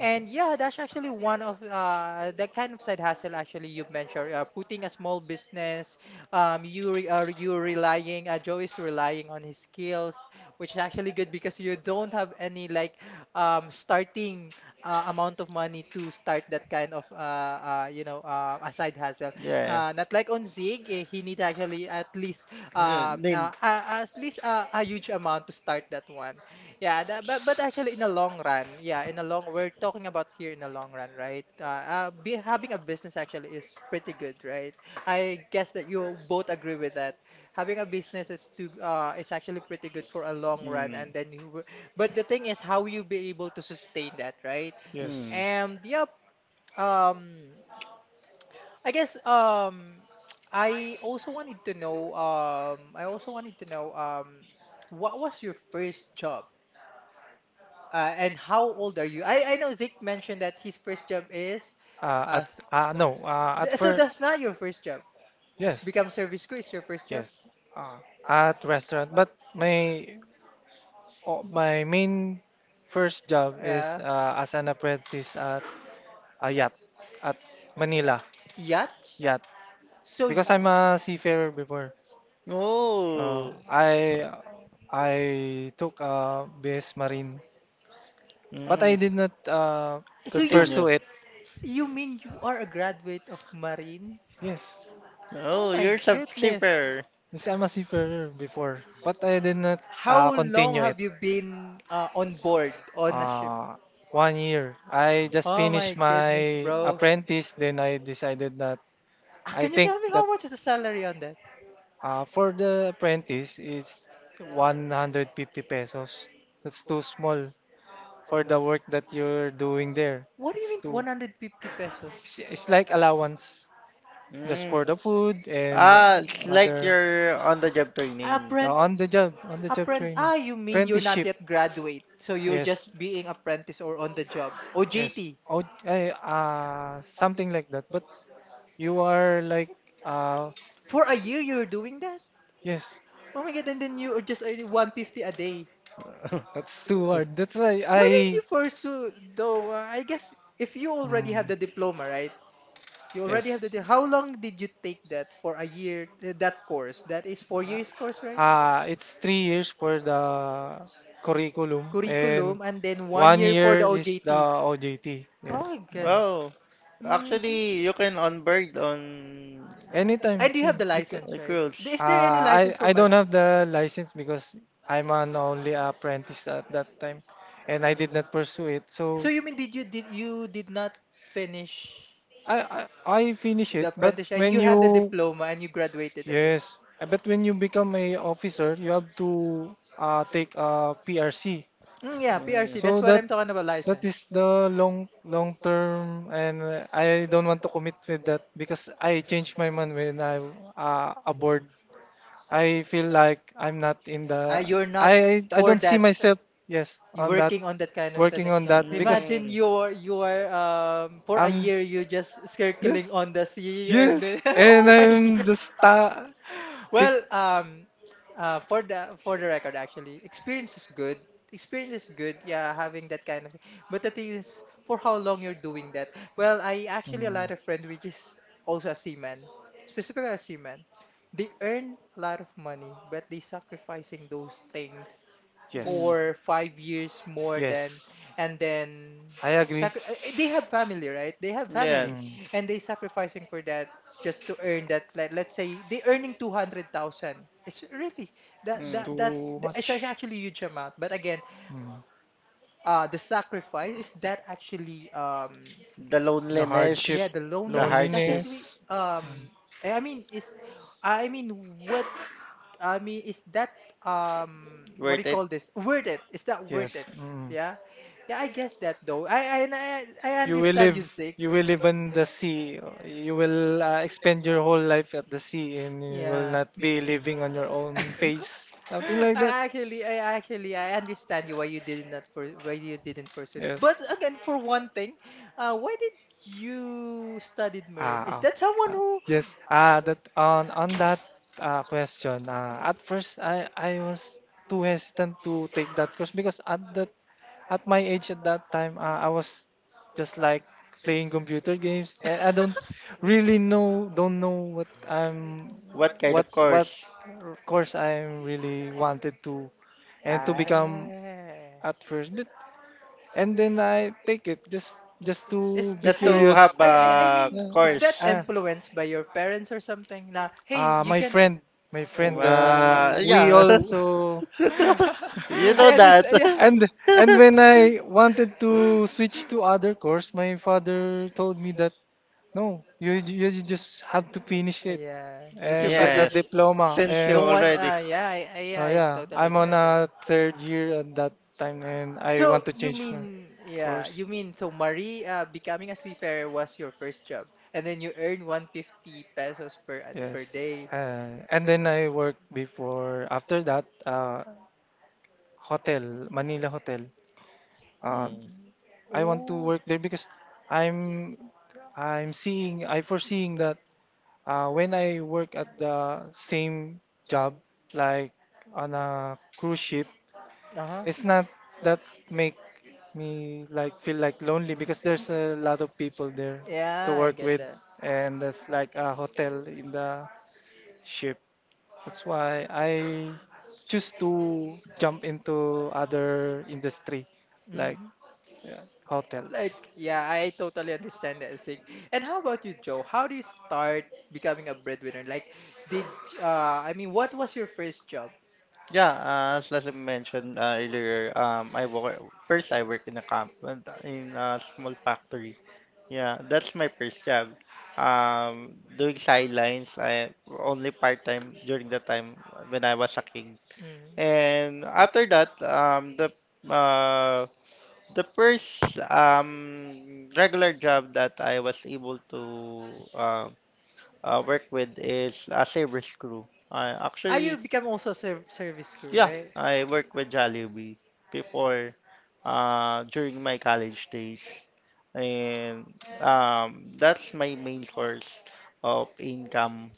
Speaker 1: And yeah, that's actually one of the kind of side hustle actually you mentioned, putting a small business, you relying, Joe is relying on his skills, which is actually good because you don't have any like starting amount of money to start that kind of you know a side hustle. Not like on Zig, eh, he need actually at least a huge amount to start that one. Yeah, that, but actually, in a long run, yeah, in a long, we're talking about here in a long run, right? Having a business actually is pretty good, right? I guess that you both agree with that. Having a business is to is actually pretty good for a long run, and then but the thing is, how you be able to sustain that, right?
Speaker 3: Mm.
Speaker 2: Yes.
Speaker 1: And yep, um, I guess I also wanted to know I also wanted to know what was your first job? And how old are you? I know Zeke mentioned that his first job is, uh,
Speaker 2: At
Speaker 1: s-
Speaker 2: no. At
Speaker 1: so
Speaker 2: first,
Speaker 1: that's not your first job. It's
Speaker 2: yes,
Speaker 1: become service crew is your first job.
Speaker 2: yes. At restaurant, but my oh, my main first job is
Speaker 1: Uh,
Speaker 2: as an apprentice at a yacht at Manila
Speaker 1: Yacht.
Speaker 2: yacht,
Speaker 1: So, y-
Speaker 2: because I'm a seafarer before. Uh,
Speaker 3: Oh.
Speaker 2: I I took BS Marine, but I
Speaker 3: Mm.
Speaker 2: did not
Speaker 1: so you
Speaker 3: Continue.
Speaker 2: pursue it.
Speaker 1: you mean you are a graduate of Marine?
Speaker 2: Yes,
Speaker 1: Oh
Speaker 3: Oh,
Speaker 1: my
Speaker 3: you're a
Speaker 1: goodness!
Speaker 3: shipper.
Speaker 2: yes, I'm a seafarer before, but I did not
Speaker 1: How long
Speaker 2: continue it.
Speaker 1: have you been on board on a ship?
Speaker 2: Uh, 1 year. I just
Speaker 1: Oh
Speaker 2: finished
Speaker 1: my goodness,
Speaker 2: my
Speaker 1: bro.
Speaker 2: apprentice, then I decided that
Speaker 1: Ah,
Speaker 2: I
Speaker 1: can you
Speaker 2: think
Speaker 1: tell me how much is the salary on that?
Speaker 2: for the apprentice it's 150 pesos. That's too small for the work that you're doing there.
Speaker 1: What do you
Speaker 2: It's
Speaker 1: mean
Speaker 2: too.
Speaker 1: 150 pesos?
Speaker 2: It's like allowance just
Speaker 3: Mm.
Speaker 2: for the food and
Speaker 3: Ah, it's like
Speaker 2: other.
Speaker 3: you're on the job training.
Speaker 2: Yeah,
Speaker 1: Apprent
Speaker 2: on the job training,
Speaker 1: Ah, you mean you're not
Speaker 2: apprenticeship.
Speaker 1: yet graduate, so you're
Speaker 2: Yes,
Speaker 1: just being apprentice or on the job.
Speaker 2: yes.
Speaker 1: OJT
Speaker 2: Oh, eh, something like that. But you are like, uh,
Speaker 1: for a year you're doing that?
Speaker 2: yes,
Speaker 1: Oh my God, and then you are just earning 150 a day.
Speaker 2: that's too hard. That's why
Speaker 1: Why did
Speaker 2: I,
Speaker 1: you pursue, though, I guess if you already have the
Speaker 2: mm,
Speaker 1: diploma, right? You already have
Speaker 2: yes,
Speaker 1: how long did you take that for a year, that course? That is 4 years course, right?
Speaker 2: it's 3 years for the curriculum and
Speaker 1: Curriculum, and then one
Speaker 2: one
Speaker 1: year for the
Speaker 2: year is the
Speaker 1: OJT.
Speaker 2: OJT.
Speaker 1: Oh,
Speaker 2: Yes.
Speaker 1: I
Speaker 2: Mm.
Speaker 1: guess.
Speaker 3: Oh,
Speaker 1: Hmm.
Speaker 3: actually, you can onboard on
Speaker 2: Anytime
Speaker 1: And you have
Speaker 2: soon.
Speaker 1: the
Speaker 2: Because
Speaker 1: license,
Speaker 3: the
Speaker 1: right?
Speaker 3: cruise.
Speaker 1: Is there any license for
Speaker 2: I
Speaker 1: March?
Speaker 2: don't have the license because I'm an only apprentice at that time and I did not pursue it. So.
Speaker 1: So you mean did you did not finish
Speaker 2: I, I finish
Speaker 1: the
Speaker 2: it, but
Speaker 1: apprenticeship, and you
Speaker 2: when
Speaker 1: have the
Speaker 2: you
Speaker 1: diploma and you graduated on this?
Speaker 2: yes, but when you become a officer, you have to take a PRC.
Speaker 1: Mm, yeah, PRC. That's
Speaker 2: So
Speaker 3: Mm.
Speaker 1: what
Speaker 2: that
Speaker 1: I'm talking about
Speaker 2: that
Speaker 1: license.
Speaker 2: is the long term, and I don't want to commit with that because I change my mind when I'm aboard. I feel like I'm not in the
Speaker 1: You're not
Speaker 2: I
Speaker 1: for
Speaker 2: don't see
Speaker 1: that.
Speaker 2: myself yes
Speaker 1: You're
Speaker 2: on that
Speaker 1: working on that kind of thing.
Speaker 2: working on that because
Speaker 1: Imagine you're for a
Speaker 2: I'm
Speaker 1: year you're just circling
Speaker 2: yes.
Speaker 1: on the sea and
Speaker 2: Yes.
Speaker 1: then
Speaker 2: And
Speaker 1: oh my
Speaker 2: I'm
Speaker 1: God.
Speaker 2: the star. Pick.
Speaker 1: Well, um, for the record, actually, experience is good. Experience is good. Yeah, having that kind of. But the thing is, for how long you're doing that? Well, I actually a
Speaker 2: Mm,
Speaker 1: lot of friend which is also a seaman, specifically a seaman. They earn a lot of money, but they sacrificing those things
Speaker 3: Mm. Mm.
Speaker 2: yes.
Speaker 1: for 5 years more than,
Speaker 2: Yes.
Speaker 1: and then
Speaker 2: I agree.
Speaker 1: they have family, right? They have
Speaker 3: Yeah.
Speaker 1: family,
Speaker 2: Mm,
Speaker 1: and they sacrificing for that just to earn that, like let's say they earning 200,000. It's really that
Speaker 2: it's
Speaker 3: Mm.
Speaker 1: that that
Speaker 2: too
Speaker 1: th- it's ac-
Speaker 2: much.
Speaker 1: actually huge amount, but again
Speaker 2: Mm,
Speaker 1: the sacrifice is that actually
Speaker 3: The
Speaker 2: the hardship,
Speaker 1: yeah,
Speaker 3: loneliness,
Speaker 1: the
Speaker 3: the
Speaker 1: loneliness, that's
Speaker 3: hardship,
Speaker 1: actually
Speaker 2: loneliness. Mm,
Speaker 1: I mean is I mean what's I mean is that what do
Speaker 3: worth
Speaker 1: you
Speaker 3: it.
Speaker 1: call this, worth it, is that worth
Speaker 2: yes.
Speaker 1: it?
Speaker 2: Mm.
Speaker 1: Yeah, yeah, I guess that, though. I
Speaker 2: You will
Speaker 1: understand
Speaker 2: live.
Speaker 1: you, sick.
Speaker 2: You will live on the sea. You will expend your whole life at the sea, and you will
Speaker 1: Yeah.
Speaker 2: not be living on your own pace. Something like that.
Speaker 1: I actually, I understand you why you did not, for why you didn't pursue that.
Speaker 2: Yes.
Speaker 1: But again, for one thing, why did you studied marine? Is
Speaker 2: Ah, oh,
Speaker 1: that someone
Speaker 2: ah,
Speaker 1: who?
Speaker 2: yes. Ah, that on that question. At first, I was too hesitant to take that course because at that at my age at that time, I was just like playing computer games, and I don't really know don't know what I'm
Speaker 3: What kind
Speaker 2: what
Speaker 3: of course?
Speaker 2: course? Course I really wanted to and to become
Speaker 1: Ah,
Speaker 2: at first. But and then I take it just
Speaker 1: is,
Speaker 2: to be
Speaker 3: Just
Speaker 1: I mean,
Speaker 3: to
Speaker 2: curious.
Speaker 3: have
Speaker 1: I, I I
Speaker 3: a
Speaker 1: mean, is
Speaker 2: Yeah.
Speaker 1: that
Speaker 3: course.
Speaker 2: Ah,
Speaker 1: influenced by your parents or something? Now, hey,
Speaker 2: ah,
Speaker 1: you can.
Speaker 2: my friend.
Speaker 1: Oh,
Speaker 2: We
Speaker 3: Yeah.
Speaker 1: oh.
Speaker 2: also
Speaker 3: You know
Speaker 1: I
Speaker 3: that.
Speaker 1: understand. Yeah,
Speaker 2: and and when I wanted to switch to other course, my father told me that no, you just have to finish it
Speaker 1: yeah. Yes, your
Speaker 2: and get
Speaker 1: father
Speaker 2: that
Speaker 1: d-
Speaker 3: Yes.
Speaker 2: diploma.
Speaker 3: Since you
Speaker 2: And
Speaker 1: don't want.
Speaker 3: already.
Speaker 1: Yeah, yeah,
Speaker 2: oh
Speaker 1: I
Speaker 2: yeah,
Speaker 1: totally
Speaker 2: I'm on
Speaker 1: get that.
Speaker 2: a third year at that time, and I
Speaker 1: So
Speaker 2: want to
Speaker 1: you
Speaker 2: change my
Speaker 1: mean, yeah,
Speaker 2: course.
Speaker 1: you mean, so Marie, becoming a seafarer was your first job, and then you earn 150 pesos per at per
Speaker 2: Yes.
Speaker 1: day.
Speaker 2: And then I worked before, after that, hotel, Manila hotel. Uh,
Speaker 3: Hmm.
Speaker 2: I want to
Speaker 1: Ooh,
Speaker 2: work there because I'm I'm seeing, I foreseeing that when I work at the same job, like on a cruise ship,
Speaker 1: uh-huh.
Speaker 2: it's not that make me like feel like lonely because there's a lot of people there to
Speaker 1: Yeah, I
Speaker 2: work
Speaker 1: get
Speaker 2: with,
Speaker 1: that.
Speaker 2: and there's like a hotel in the ship. That's why I choose to jump into other industry like
Speaker 1: Hmm. Like,
Speaker 2: hotels.
Speaker 1: yeah, I totally understand that, Sig. And how about you, Joe? How do you start becoming a breadwinner? Like, did I mean, what was your first job?
Speaker 3: Yeah, as I mentioned earlier, I work first. I work in a comp in a small factory. Yeah, that's my first job. Doing sidelines, I only part time during the time when I was a kid.
Speaker 1: Mm.
Speaker 3: And after that, uh, the first, regular job that I was able to, work with is as a service crew. I
Speaker 1: Ah,
Speaker 3: actually.
Speaker 1: you become also a service crew,
Speaker 3: Yeah,
Speaker 1: right?
Speaker 3: I work with Jollibee before, during my college days, and, that's my main source of income.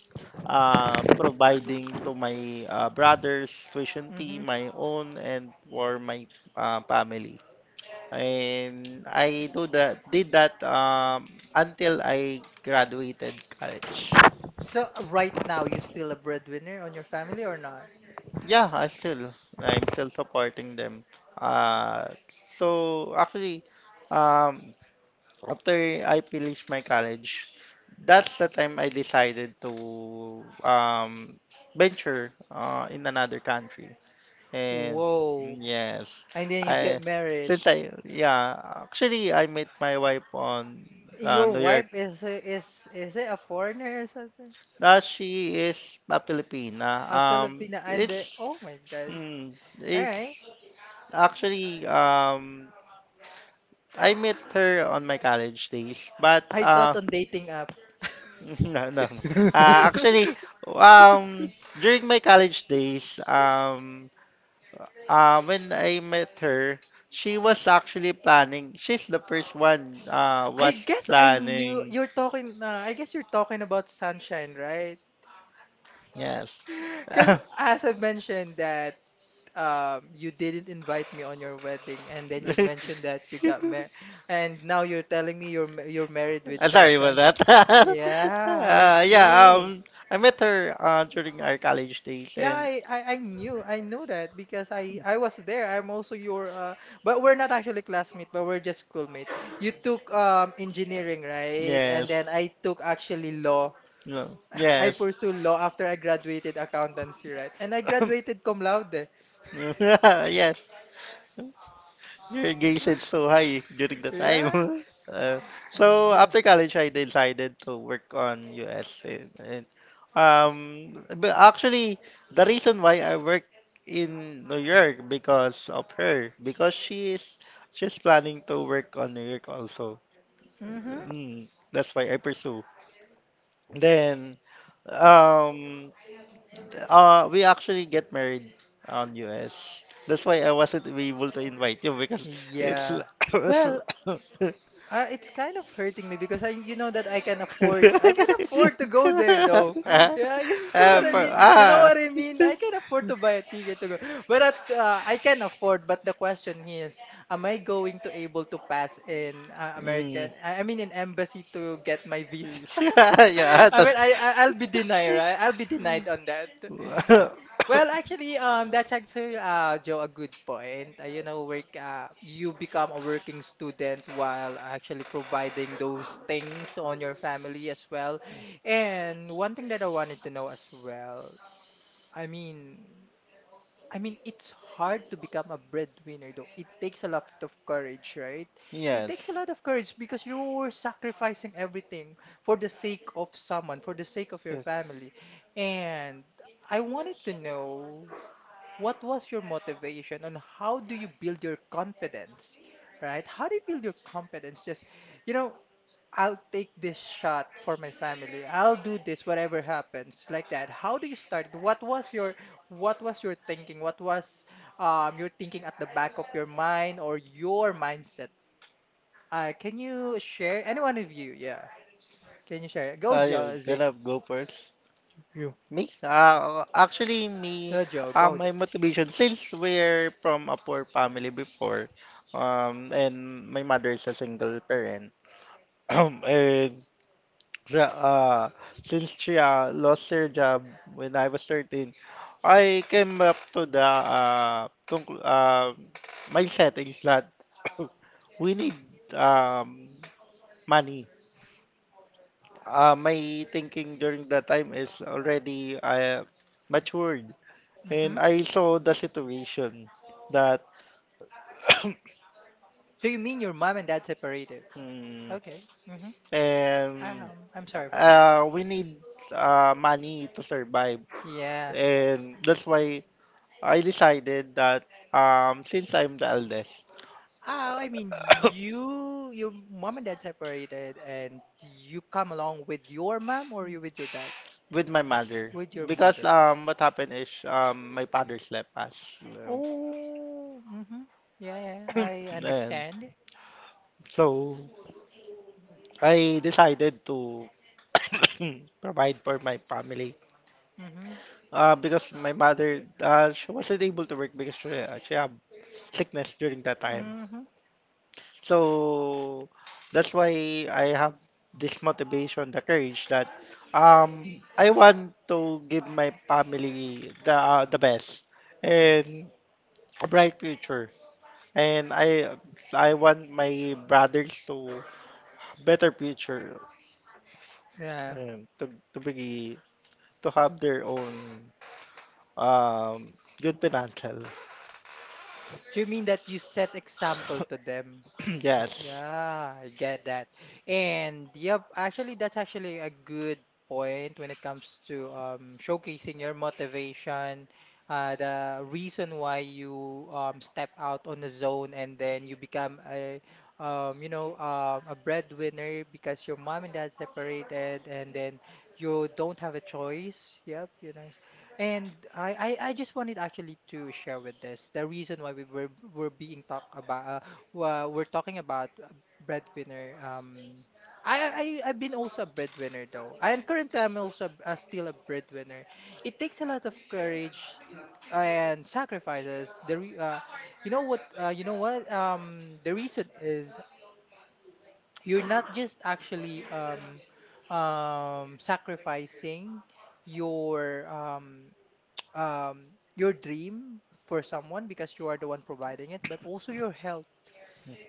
Speaker 3: Providing to my, brothers, tuition fee,
Speaker 1: Mm-hmm.
Speaker 3: my own, and for my family. And did that, until I graduated college.
Speaker 1: So right now, you still a breadwinner on your family or not?
Speaker 3: Yeah, I'm still supporting them. Uh, so actually, um, after I finished my college, that's the time I decided to, venture in another country. And
Speaker 1: Whoa.
Speaker 3: yes,
Speaker 1: And then you get
Speaker 3: I
Speaker 1: married.
Speaker 3: since I yeah, actually I met my wife on
Speaker 1: Your
Speaker 3: New York.
Speaker 1: wife is a, is is it a foreigner or something?
Speaker 3: She is a Filipina.
Speaker 1: A Filipina, and the, oh my God.
Speaker 3: Mm,
Speaker 1: All right.
Speaker 3: it's actually, I met her on my college days, but
Speaker 1: I thought on dating app.
Speaker 3: no, no. Um, during my college days, when I met her, she was actually planning. She's the first one.
Speaker 1: I
Speaker 3: Was
Speaker 1: guess I knew
Speaker 3: planning.
Speaker 1: you're talking. I guess you're talking about sunshine, right?
Speaker 3: Yes.
Speaker 1: Because as I mentioned that you didn't invite me on your wedding, and then you mentioned that you got married, and now you're telling me you're married with
Speaker 3: Sorry about
Speaker 1: sunshine.
Speaker 3: that.
Speaker 1: Yeah,
Speaker 3: uh, yeah,
Speaker 1: okay.
Speaker 3: um, I met her during our college days,
Speaker 1: Yeah,
Speaker 3: and
Speaker 1: I knew, I knew that, because I was there. I'm also your uh, but we're not actually classmate, but we're just schoolmate. You took engineering, right? And
Speaker 3: yes,
Speaker 1: then I took actually law.
Speaker 3: no,
Speaker 1: I
Speaker 3: yes,
Speaker 1: pursue law after I graduated accountancy, right? And I graduated cum laude.
Speaker 3: yes, your engagement is so high during the time.
Speaker 1: Yeah.
Speaker 3: Uh, so
Speaker 1: Yeah.
Speaker 3: after college, I decided to work on US and but actually the reason why I work in New York because of her, because she is, she's planning to work on New York also.
Speaker 1: Mm-hmm.
Speaker 3: That's why I pursue. Then um we actually get married on US. That's why I wasn't able to invite you because it's
Speaker 1: Yeah.
Speaker 3: l- it's
Speaker 1: Well,
Speaker 3: l-
Speaker 1: It's kind of hurting me because I, you know, that I can afford to go there, though.
Speaker 3: Ah,
Speaker 1: Yeah, you know
Speaker 3: ah,
Speaker 1: what I
Speaker 3: for-
Speaker 1: mean. You know
Speaker 3: ah.
Speaker 1: what I mean. I can afford to buy a ticket to go, but I can afford. But the question is, am I going to able to pass in
Speaker 3: Mm.
Speaker 1: American? I mean, in embassy to get my visa.
Speaker 3: yeah,
Speaker 1: I mean,
Speaker 3: that's
Speaker 1: I'll be denied, right? I'll be denied on that. Well, actually, that's actually, Joe, a good point. You know, work, you become a working student while actually providing those things on your family as well. And one thing that I wanted to know as well, I mean, I mean, it's hard to become a breadwinner, though. It takes a lot of courage, right? It takes a
Speaker 3: Yes.
Speaker 1: lot of courage because you're sacrificing everything for the sake of someone, for the sake of your
Speaker 2: Yes,
Speaker 1: family. And I wanted to know what was your motivation and how do you build your confidence, right? How do you build your confidence? Just, you know, I'll take this shot for my family. I'll do this, whatever happens, like that. How do you start? What was your thinking? What was, your thinking at the back of your mind or your mindset? Can you share? Any one of you, yeah. Can you share? Go,
Speaker 3: Ayun,
Speaker 1: Joe,
Speaker 3: can
Speaker 1: Zeke.
Speaker 3: I go first?
Speaker 2: you.
Speaker 3: Me? Me,
Speaker 1: Joe, go,
Speaker 3: my
Speaker 1: Joe.
Speaker 3: motivation, since we're from a poor family before, and my mother is a single parent, and dra- uh, since she lost her job when I was 13, I came up to the mindset is that we need um, money. My thinking during that time is already matured,
Speaker 1: Hmm.
Speaker 3: and I saw the situation that
Speaker 1: So you mean your mom and dad separated?
Speaker 3: mm,
Speaker 1: Okay. Hmm.
Speaker 3: and
Speaker 1: I'm sorry for that.
Speaker 3: we need money to survive,
Speaker 1: Yeah.
Speaker 3: and that's why I decided that um, since I'm the eldest,
Speaker 1: Oh, I mean, you, your mom and dad separated, and you come along with your mom, or you with your dad?
Speaker 3: with my mother,
Speaker 1: With your
Speaker 3: because
Speaker 1: mother.
Speaker 3: um, what happened is um, my father slept us.
Speaker 1: Oh, mm-hmm. Yeah, yeah, I
Speaker 3: And
Speaker 1: understand.
Speaker 3: so I decided to provide for my family.
Speaker 1: Mm-hmm.
Speaker 3: Because my mother, she wasn't able to work because she had sickness during that time.
Speaker 1: Mm-hmm.
Speaker 3: So that's why I have this motivation, the courage that um, I want to give my family the best and a bright future. And I want my brothers to better future
Speaker 1: Yeah.
Speaker 3: and to be to have their own um, good financial.
Speaker 1: Do you mean that you set example to them?
Speaker 3: Yes,
Speaker 1: Yeah, I get that. And yep, actually that's actually a good point when it comes to showcasing your motivation, the reason why you step out on the zone and then you become a you know a breadwinner because your mom and dad separated and then you don't have a choice. Yep, you know, and I just wanted actually to share with this the reason why we're being talk about we're talking about breadwinner. I I've been also a breadwinner though, and currently I'm also still a breadwinner. It takes a lot of courage and sacrifices. The re, you know what the reason is, you're not just actually sacrificing your um um, your dream for someone because you are the one providing it, but also your health.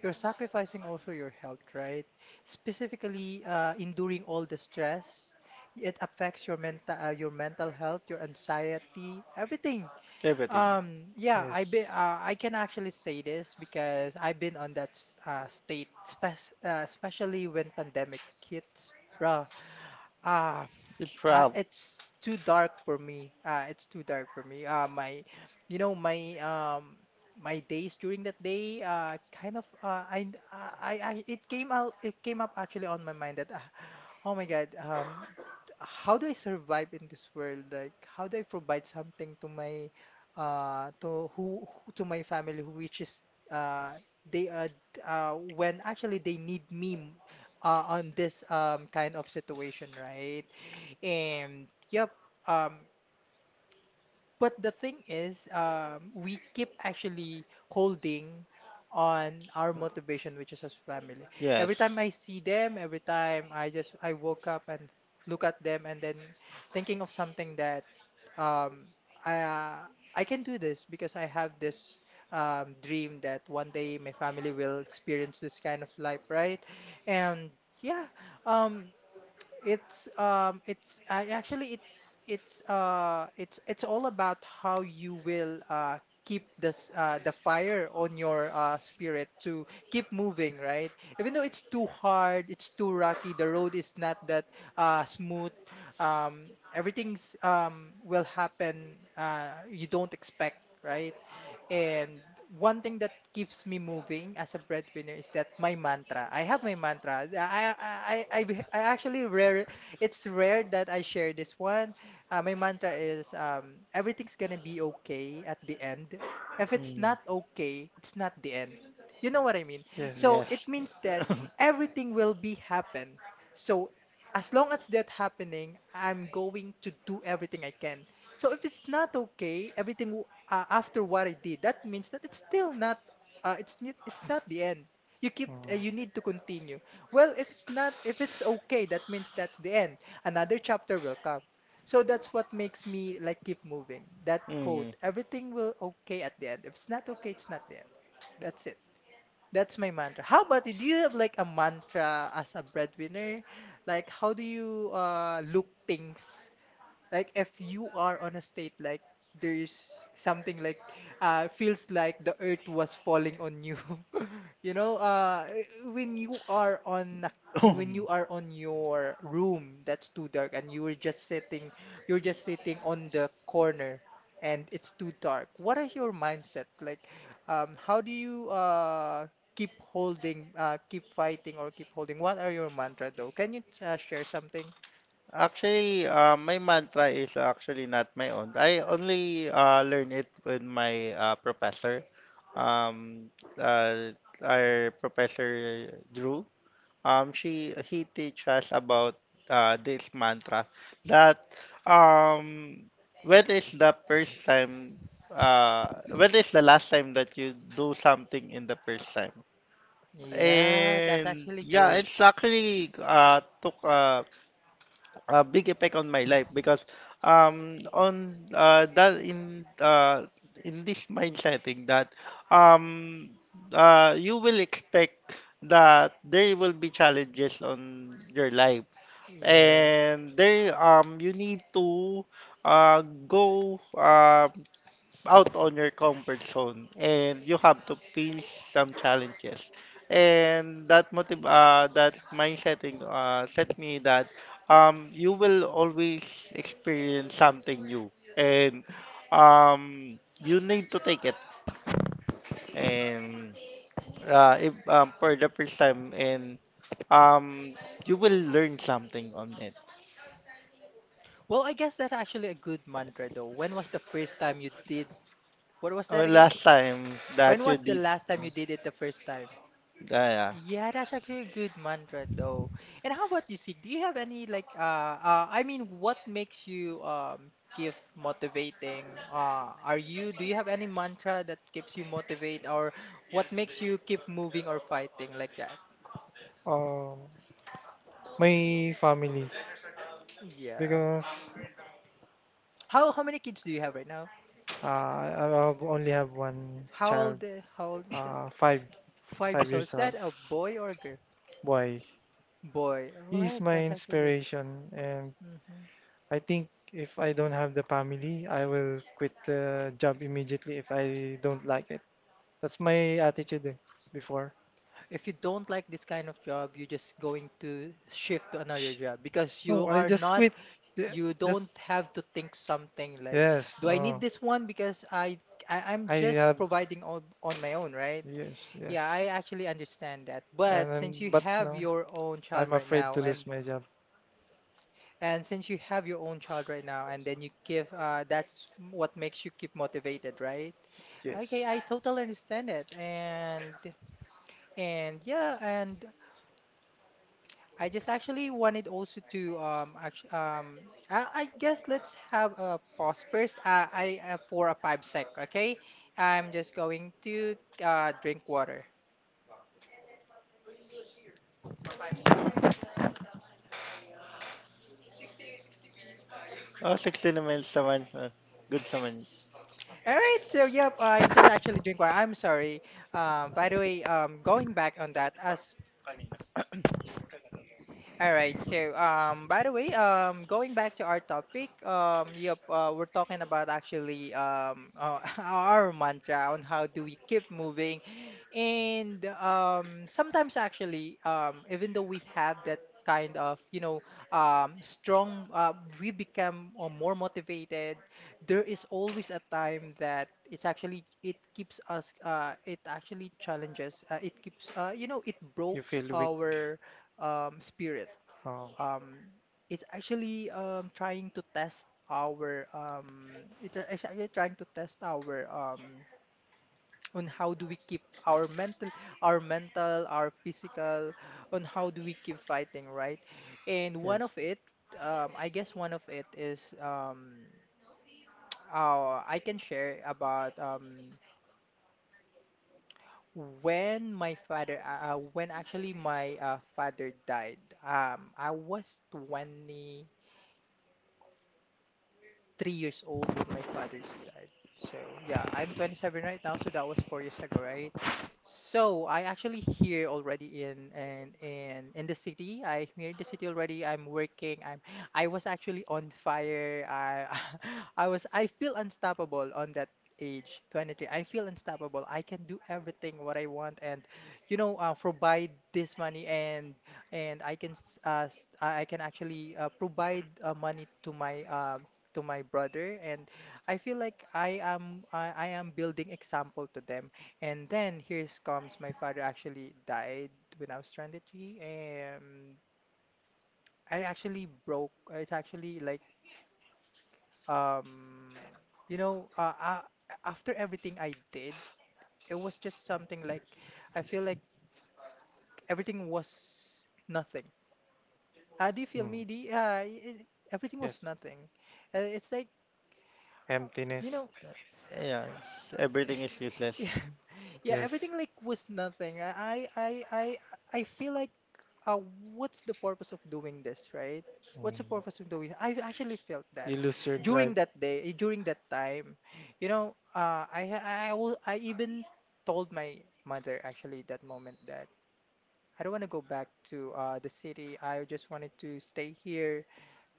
Speaker 1: You're sacrificing also your health, right? Specifically, enduring all the stress. It affects your mental health, your anxiety, everything.
Speaker 3: everything.
Speaker 1: Yeah,
Speaker 2: Yes.
Speaker 1: I can actually say this because I've been on that state, especially when pandemic hits. Bruh, ah,
Speaker 3: It's proud.
Speaker 1: it's too dark for me. It's too dark for me. My, you know, my my days during that day, kind of, I, it came out, it came up actually on my mind that, oh my God, how do I survive in this world? Like, how do I provide something to my, to to my family, which is, they, d- when actually they need me, on this kind of situation, right? And yep, um, but the thing is, we keep actually holding on our motivation, which is as family.
Speaker 3: Yes.
Speaker 1: Every time I see them, every time I woke up and look at them, and then thinking of something that um, I uh, I can do this because I have this dream that one day my family will experience this kind of life, right? And yeah, um, it's I actually it's all about how you will keep this the fire on your spirit to keep moving, right? Even though it's too hard, it's too rocky, the road is not that smooth, everything's will happen you don't expect, right? And one thing that keeps me moving as a breadwinner is that my mantra. I have my mantra. I actually rare. It's rare that I share this one. My mantra is everything's gonna be okay at the end. If it's
Speaker 3: Mm.
Speaker 1: not okay, it's not the end. You know what I mean? So
Speaker 2: Yes.
Speaker 1: it
Speaker 3: Yes.
Speaker 1: means that everything will be happen. So as long as that happening, I'm going to do everything I can. So if it's not okay, everything after what I did, that means that it's still not it's not the end. You keep you
Speaker 2: Mm.
Speaker 1: need to continue. Well, if it's okay, that means that's the end. Another chapter will come. So that's what makes me like keep moving. That
Speaker 3: Mm.
Speaker 1: quote, everything will okay at the end. If it's not okay, it's not the end. That's it. That's my mantra. How about you? Do you have like a mantra as a breadwinner? Like how do you look things like if you are on a state like there's something like feels like the earth was falling on you. You know, when you are you when you are on your room that's too dark and you were just sitting, you're just sitting on the corner and it's too dark. What is your mindset? Like how do you keep holding, keep fighting or keep holding? What are your mantra though? Can you share something?
Speaker 3: Actually, my mantra is actually not my own. I only learn it with my professor. Um, our professor Drew. She he teach us about this mantra that um, when is the first time when is the last time that you do something in the first time?
Speaker 1: Yeah, that's
Speaker 3: And
Speaker 1: actually
Speaker 3: yeah,
Speaker 1: good.
Speaker 3: it's actually took a big impact on my life because on that in this mind setting that um you will expect that there will be challenges on your life,
Speaker 1: Yeah.
Speaker 3: and there um, you need to uh go out on your comfort zone and you have to face some challenges. And that mindset set me that you will always experience something new and you need to take it, and if, for the first time, and um, you will learn something on it.
Speaker 1: Well, I guess that's actually a good mantra though. When was the first time you did? What was that again?
Speaker 3: Last time
Speaker 1: When
Speaker 3: that you
Speaker 1: was the
Speaker 3: did,
Speaker 1: last time you did it the first time?
Speaker 3: ah, yeah.
Speaker 1: Yeah, that's actually a good mantra though. And how about you, Sig? Do you have any like I mean what makes you give motivating? Are you do you have any mantra that keeps you motivate or what makes you keep moving or fighting like that?
Speaker 2: Um, my family
Speaker 1: Yeah.
Speaker 2: because
Speaker 1: How many kids do you have right now?
Speaker 2: I have only have one
Speaker 1: How
Speaker 2: child.
Speaker 1: old uh, how old is that?
Speaker 2: uh, five
Speaker 1: Five
Speaker 2: five
Speaker 1: years old.
Speaker 2: years
Speaker 1: Is
Speaker 2: old
Speaker 1: that a boy or a girl?
Speaker 2: boy.
Speaker 1: Boy. All
Speaker 2: He is
Speaker 1: right,
Speaker 2: my
Speaker 1: that's actually good.
Speaker 2: inspiration, and
Speaker 1: hmm
Speaker 2: I think if I don't have the family, I will quit the job immediately if I don't like it. That's my attitude eh, before.
Speaker 1: If you don't like this kind of job, you're just going to shift to another
Speaker 2: Sh-
Speaker 1: job because you
Speaker 2: No, I
Speaker 1: are
Speaker 2: just
Speaker 1: not,
Speaker 2: quit. Yeah,
Speaker 1: you don't
Speaker 2: just
Speaker 1: have to think something like,
Speaker 2: yes.
Speaker 1: do I
Speaker 2: Oh,
Speaker 1: need this one? Because I'm
Speaker 2: I
Speaker 1: just
Speaker 2: have
Speaker 1: providing on my own, right?
Speaker 2: yes,
Speaker 1: Yeah,
Speaker 2: yes.
Speaker 1: I actually understand that.
Speaker 2: And
Speaker 1: But since
Speaker 2: then,
Speaker 1: you
Speaker 2: but
Speaker 1: have
Speaker 2: no,
Speaker 1: your own
Speaker 2: I'm
Speaker 1: child right
Speaker 2: afraid to
Speaker 1: now,
Speaker 2: lose
Speaker 1: and
Speaker 2: my job.
Speaker 1: and since you have your own child right now, and then you give that's what makes you keep motivated, right? Okay,
Speaker 2: Yes.
Speaker 1: I totally understand it. And yeah, and I just actually wanted also to actually I guess let's have a pause first. I for a 5 sec, okay? I'm just going to drink water.
Speaker 3: Oh, 16 naman naman. Good naman.
Speaker 1: All right, so yep, I just actually drink water. I'm sorry. By the way, going back on that, as All right. So, by the way, going back to our topic, yep, we're talking about actually our mantra on how do we keep moving, and sometimes actually, even though we have that kind of strong, we become more motivated. There is always a time that it's actually it keeps us, it actually challenges, it keeps, it
Speaker 2: You
Speaker 1: breaks
Speaker 2: feel weak.
Speaker 1: our spirit,
Speaker 2: Oh,
Speaker 1: um, it's actually trying to test our it's actually trying to test our on how do we keep our mental, our physical, on how do we keep fighting, right? And one
Speaker 2: yes.
Speaker 1: of it, I guess one of it is I can share about when actually my father died. I was 20, 3 years old when my father's died. So yeah, I'm 27 right now, so that was 4 years ago, right? So I actually here already in the city. I'm here in the city already. I'm working. I was actually on fire. I I feel unstoppable on that age, 23. I feel unstoppable. I can do everything what I want and provide this money, and I can s- s- I can actually provide money to my brother, and I feel like I am building example to them, and then here comes my father actually died when I was stranded G, and I actually broke it's actually like um you know uh, uh, after everything I did it was just something like I feel like everything was nothing, do you feel
Speaker 2: Mm.
Speaker 1: me? Everything was
Speaker 2: Yes.
Speaker 1: nothing, it's like, you
Speaker 2: Emptiness.
Speaker 1: know,
Speaker 3: Yeah, it's- everything is useless.
Speaker 1: yeah, yeah,
Speaker 2: Yes.
Speaker 1: everything like was nothing. I feel like uh what's the purpose of doing this, right? What's the
Speaker 2: Mm.
Speaker 1: purpose of doing? I actually felt that
Speaker 2: You lose your
Speaker 1: during
Speaker 2: drive.
Speaker 1: that day, during that time. You know, I ha- I will I even told my mother actually that moment that I don't want to go back to the city. I just wanted to stay here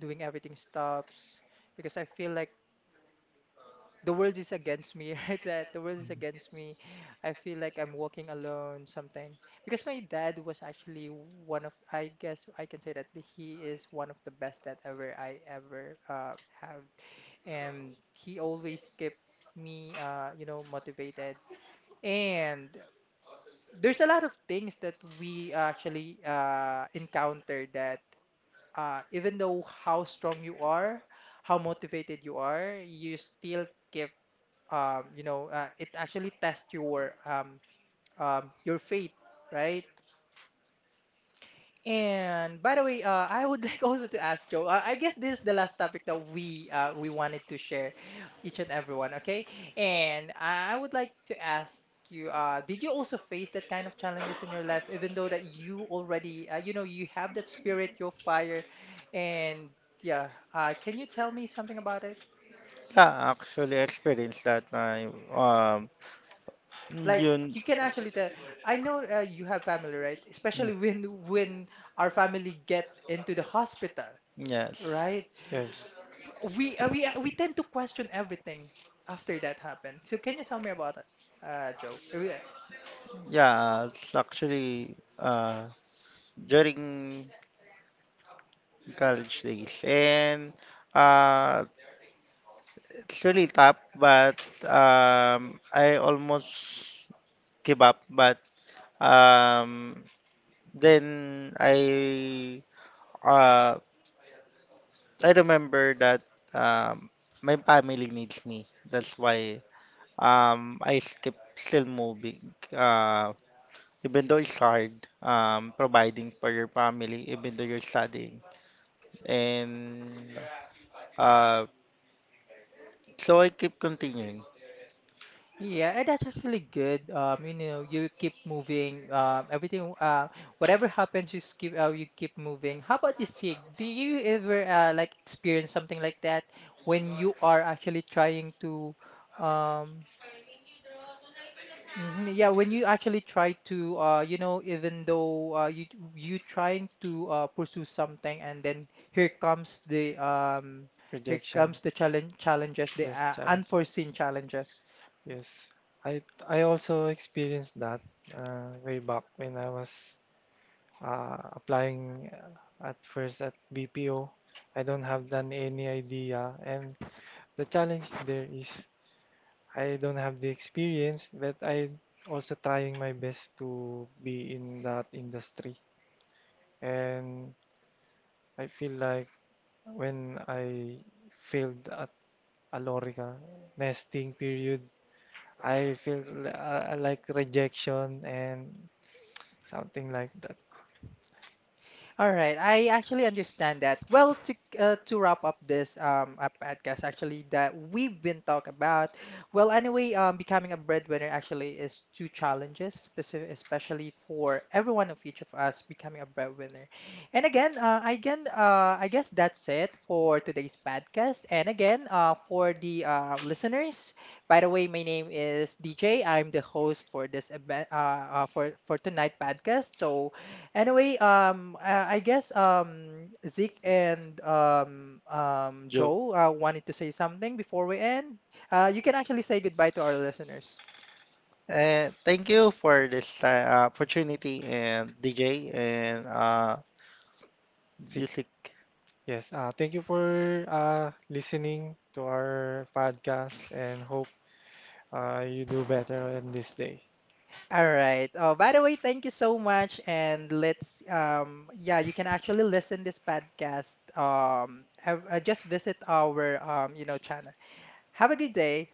Speaker 1: doing everything stops because I feel like the world is against me, right? That the world is against me. I feel like I'm walking alone, something. Because my dad was actually one of, I guess I can say that he is one of the best that ever I ever have, and he always kept me, motivated. And there's a lot of things that we actually encounter that, even though how strong you are, how motivated you are, you still keep, it actually tests your faith, right? And by the way, I would like also to ask Joe. I guess this is the last topic that we wanted to share, each and everyone. Okay, and I would like to ask you. Did you also face that kind of challenges in your life, even though that you already, you have that spirit, your fire, and yeah. Can you tell me something about it?
Speaker 3: Yeah, I actually experienced that. I um,
Speaker 1: Like
Speaker 3: yun.
Speaker 1: you can actually tell. I know you have family, right? Especially
Speaker 3: Mm,
Speaker 1: when our family get into the hospital,
Speaker 3: yes.
Speaker 1: right?
Speaker 2: Yes.
Speaker 1: We tend to question everything after that happened. So can you tell me about that, Joe?
Speaker 3: Yeah, it's actually during college days, and uh it's really tough, but um, I almost give up, but um, then uh I remember that um, my family needs me. That's why I keep still moving. Even though it's hard, providing for your family, even though you're studying. And uh, so I keep continuing.
Speaker 1: Yeah, and that's actually good. You keep moving. Everything, whatever happens, you keep moving. How about you, Sig? Do you ever like experience something like that when you are actually trying to, um, hmm yeah, when you actually try to, even though you trying to pursue something, and then here
Speaker 2: Rejection.
Speaker 1: comes the challenges, the
Speaker 2: Yes. Challenge.
Speaker 1: unforeseen challenges.
Speaker 2: Yes. I I also experienced that way back when I was applying at first at BPO. I don't have done any idea, and the challenge there is I don't have the experience, but I also trying my best to be in that industry. And I feel like when I failed at Alorica nesting period, I feel like rejection and something like that.
Speaker 1: All right, I actually understand that. Well, to wrap up this podcast actually that we've been talking about. Well, anyway, becoming a breadwinner actually is two challenges, especially for every one of each of us becoming a breadwinner. And again, again, I guess that's it for today's podcast. And again, for the listeners, by the way, my name is DJ. I'm the host for this event, for tonight podcast. So, anyway, I guess Zeke and
Speaker 3: Joe.
Speaker 1: Joe wanted to say something before we end. You can actually say goodbye to our listeners.
Speaker 3: And thank you for this opportunity and DJ, and
Speaker 2: See,
Speaker 3: music.
Speaker 2: yes. Thank you for listening to our podcast and hope you do better on this day.
Speaker 1: All right. Oh, by the way, thank you so much. And let's yeah, you can actually listen this podcast. Just visit our channel. Have a good day.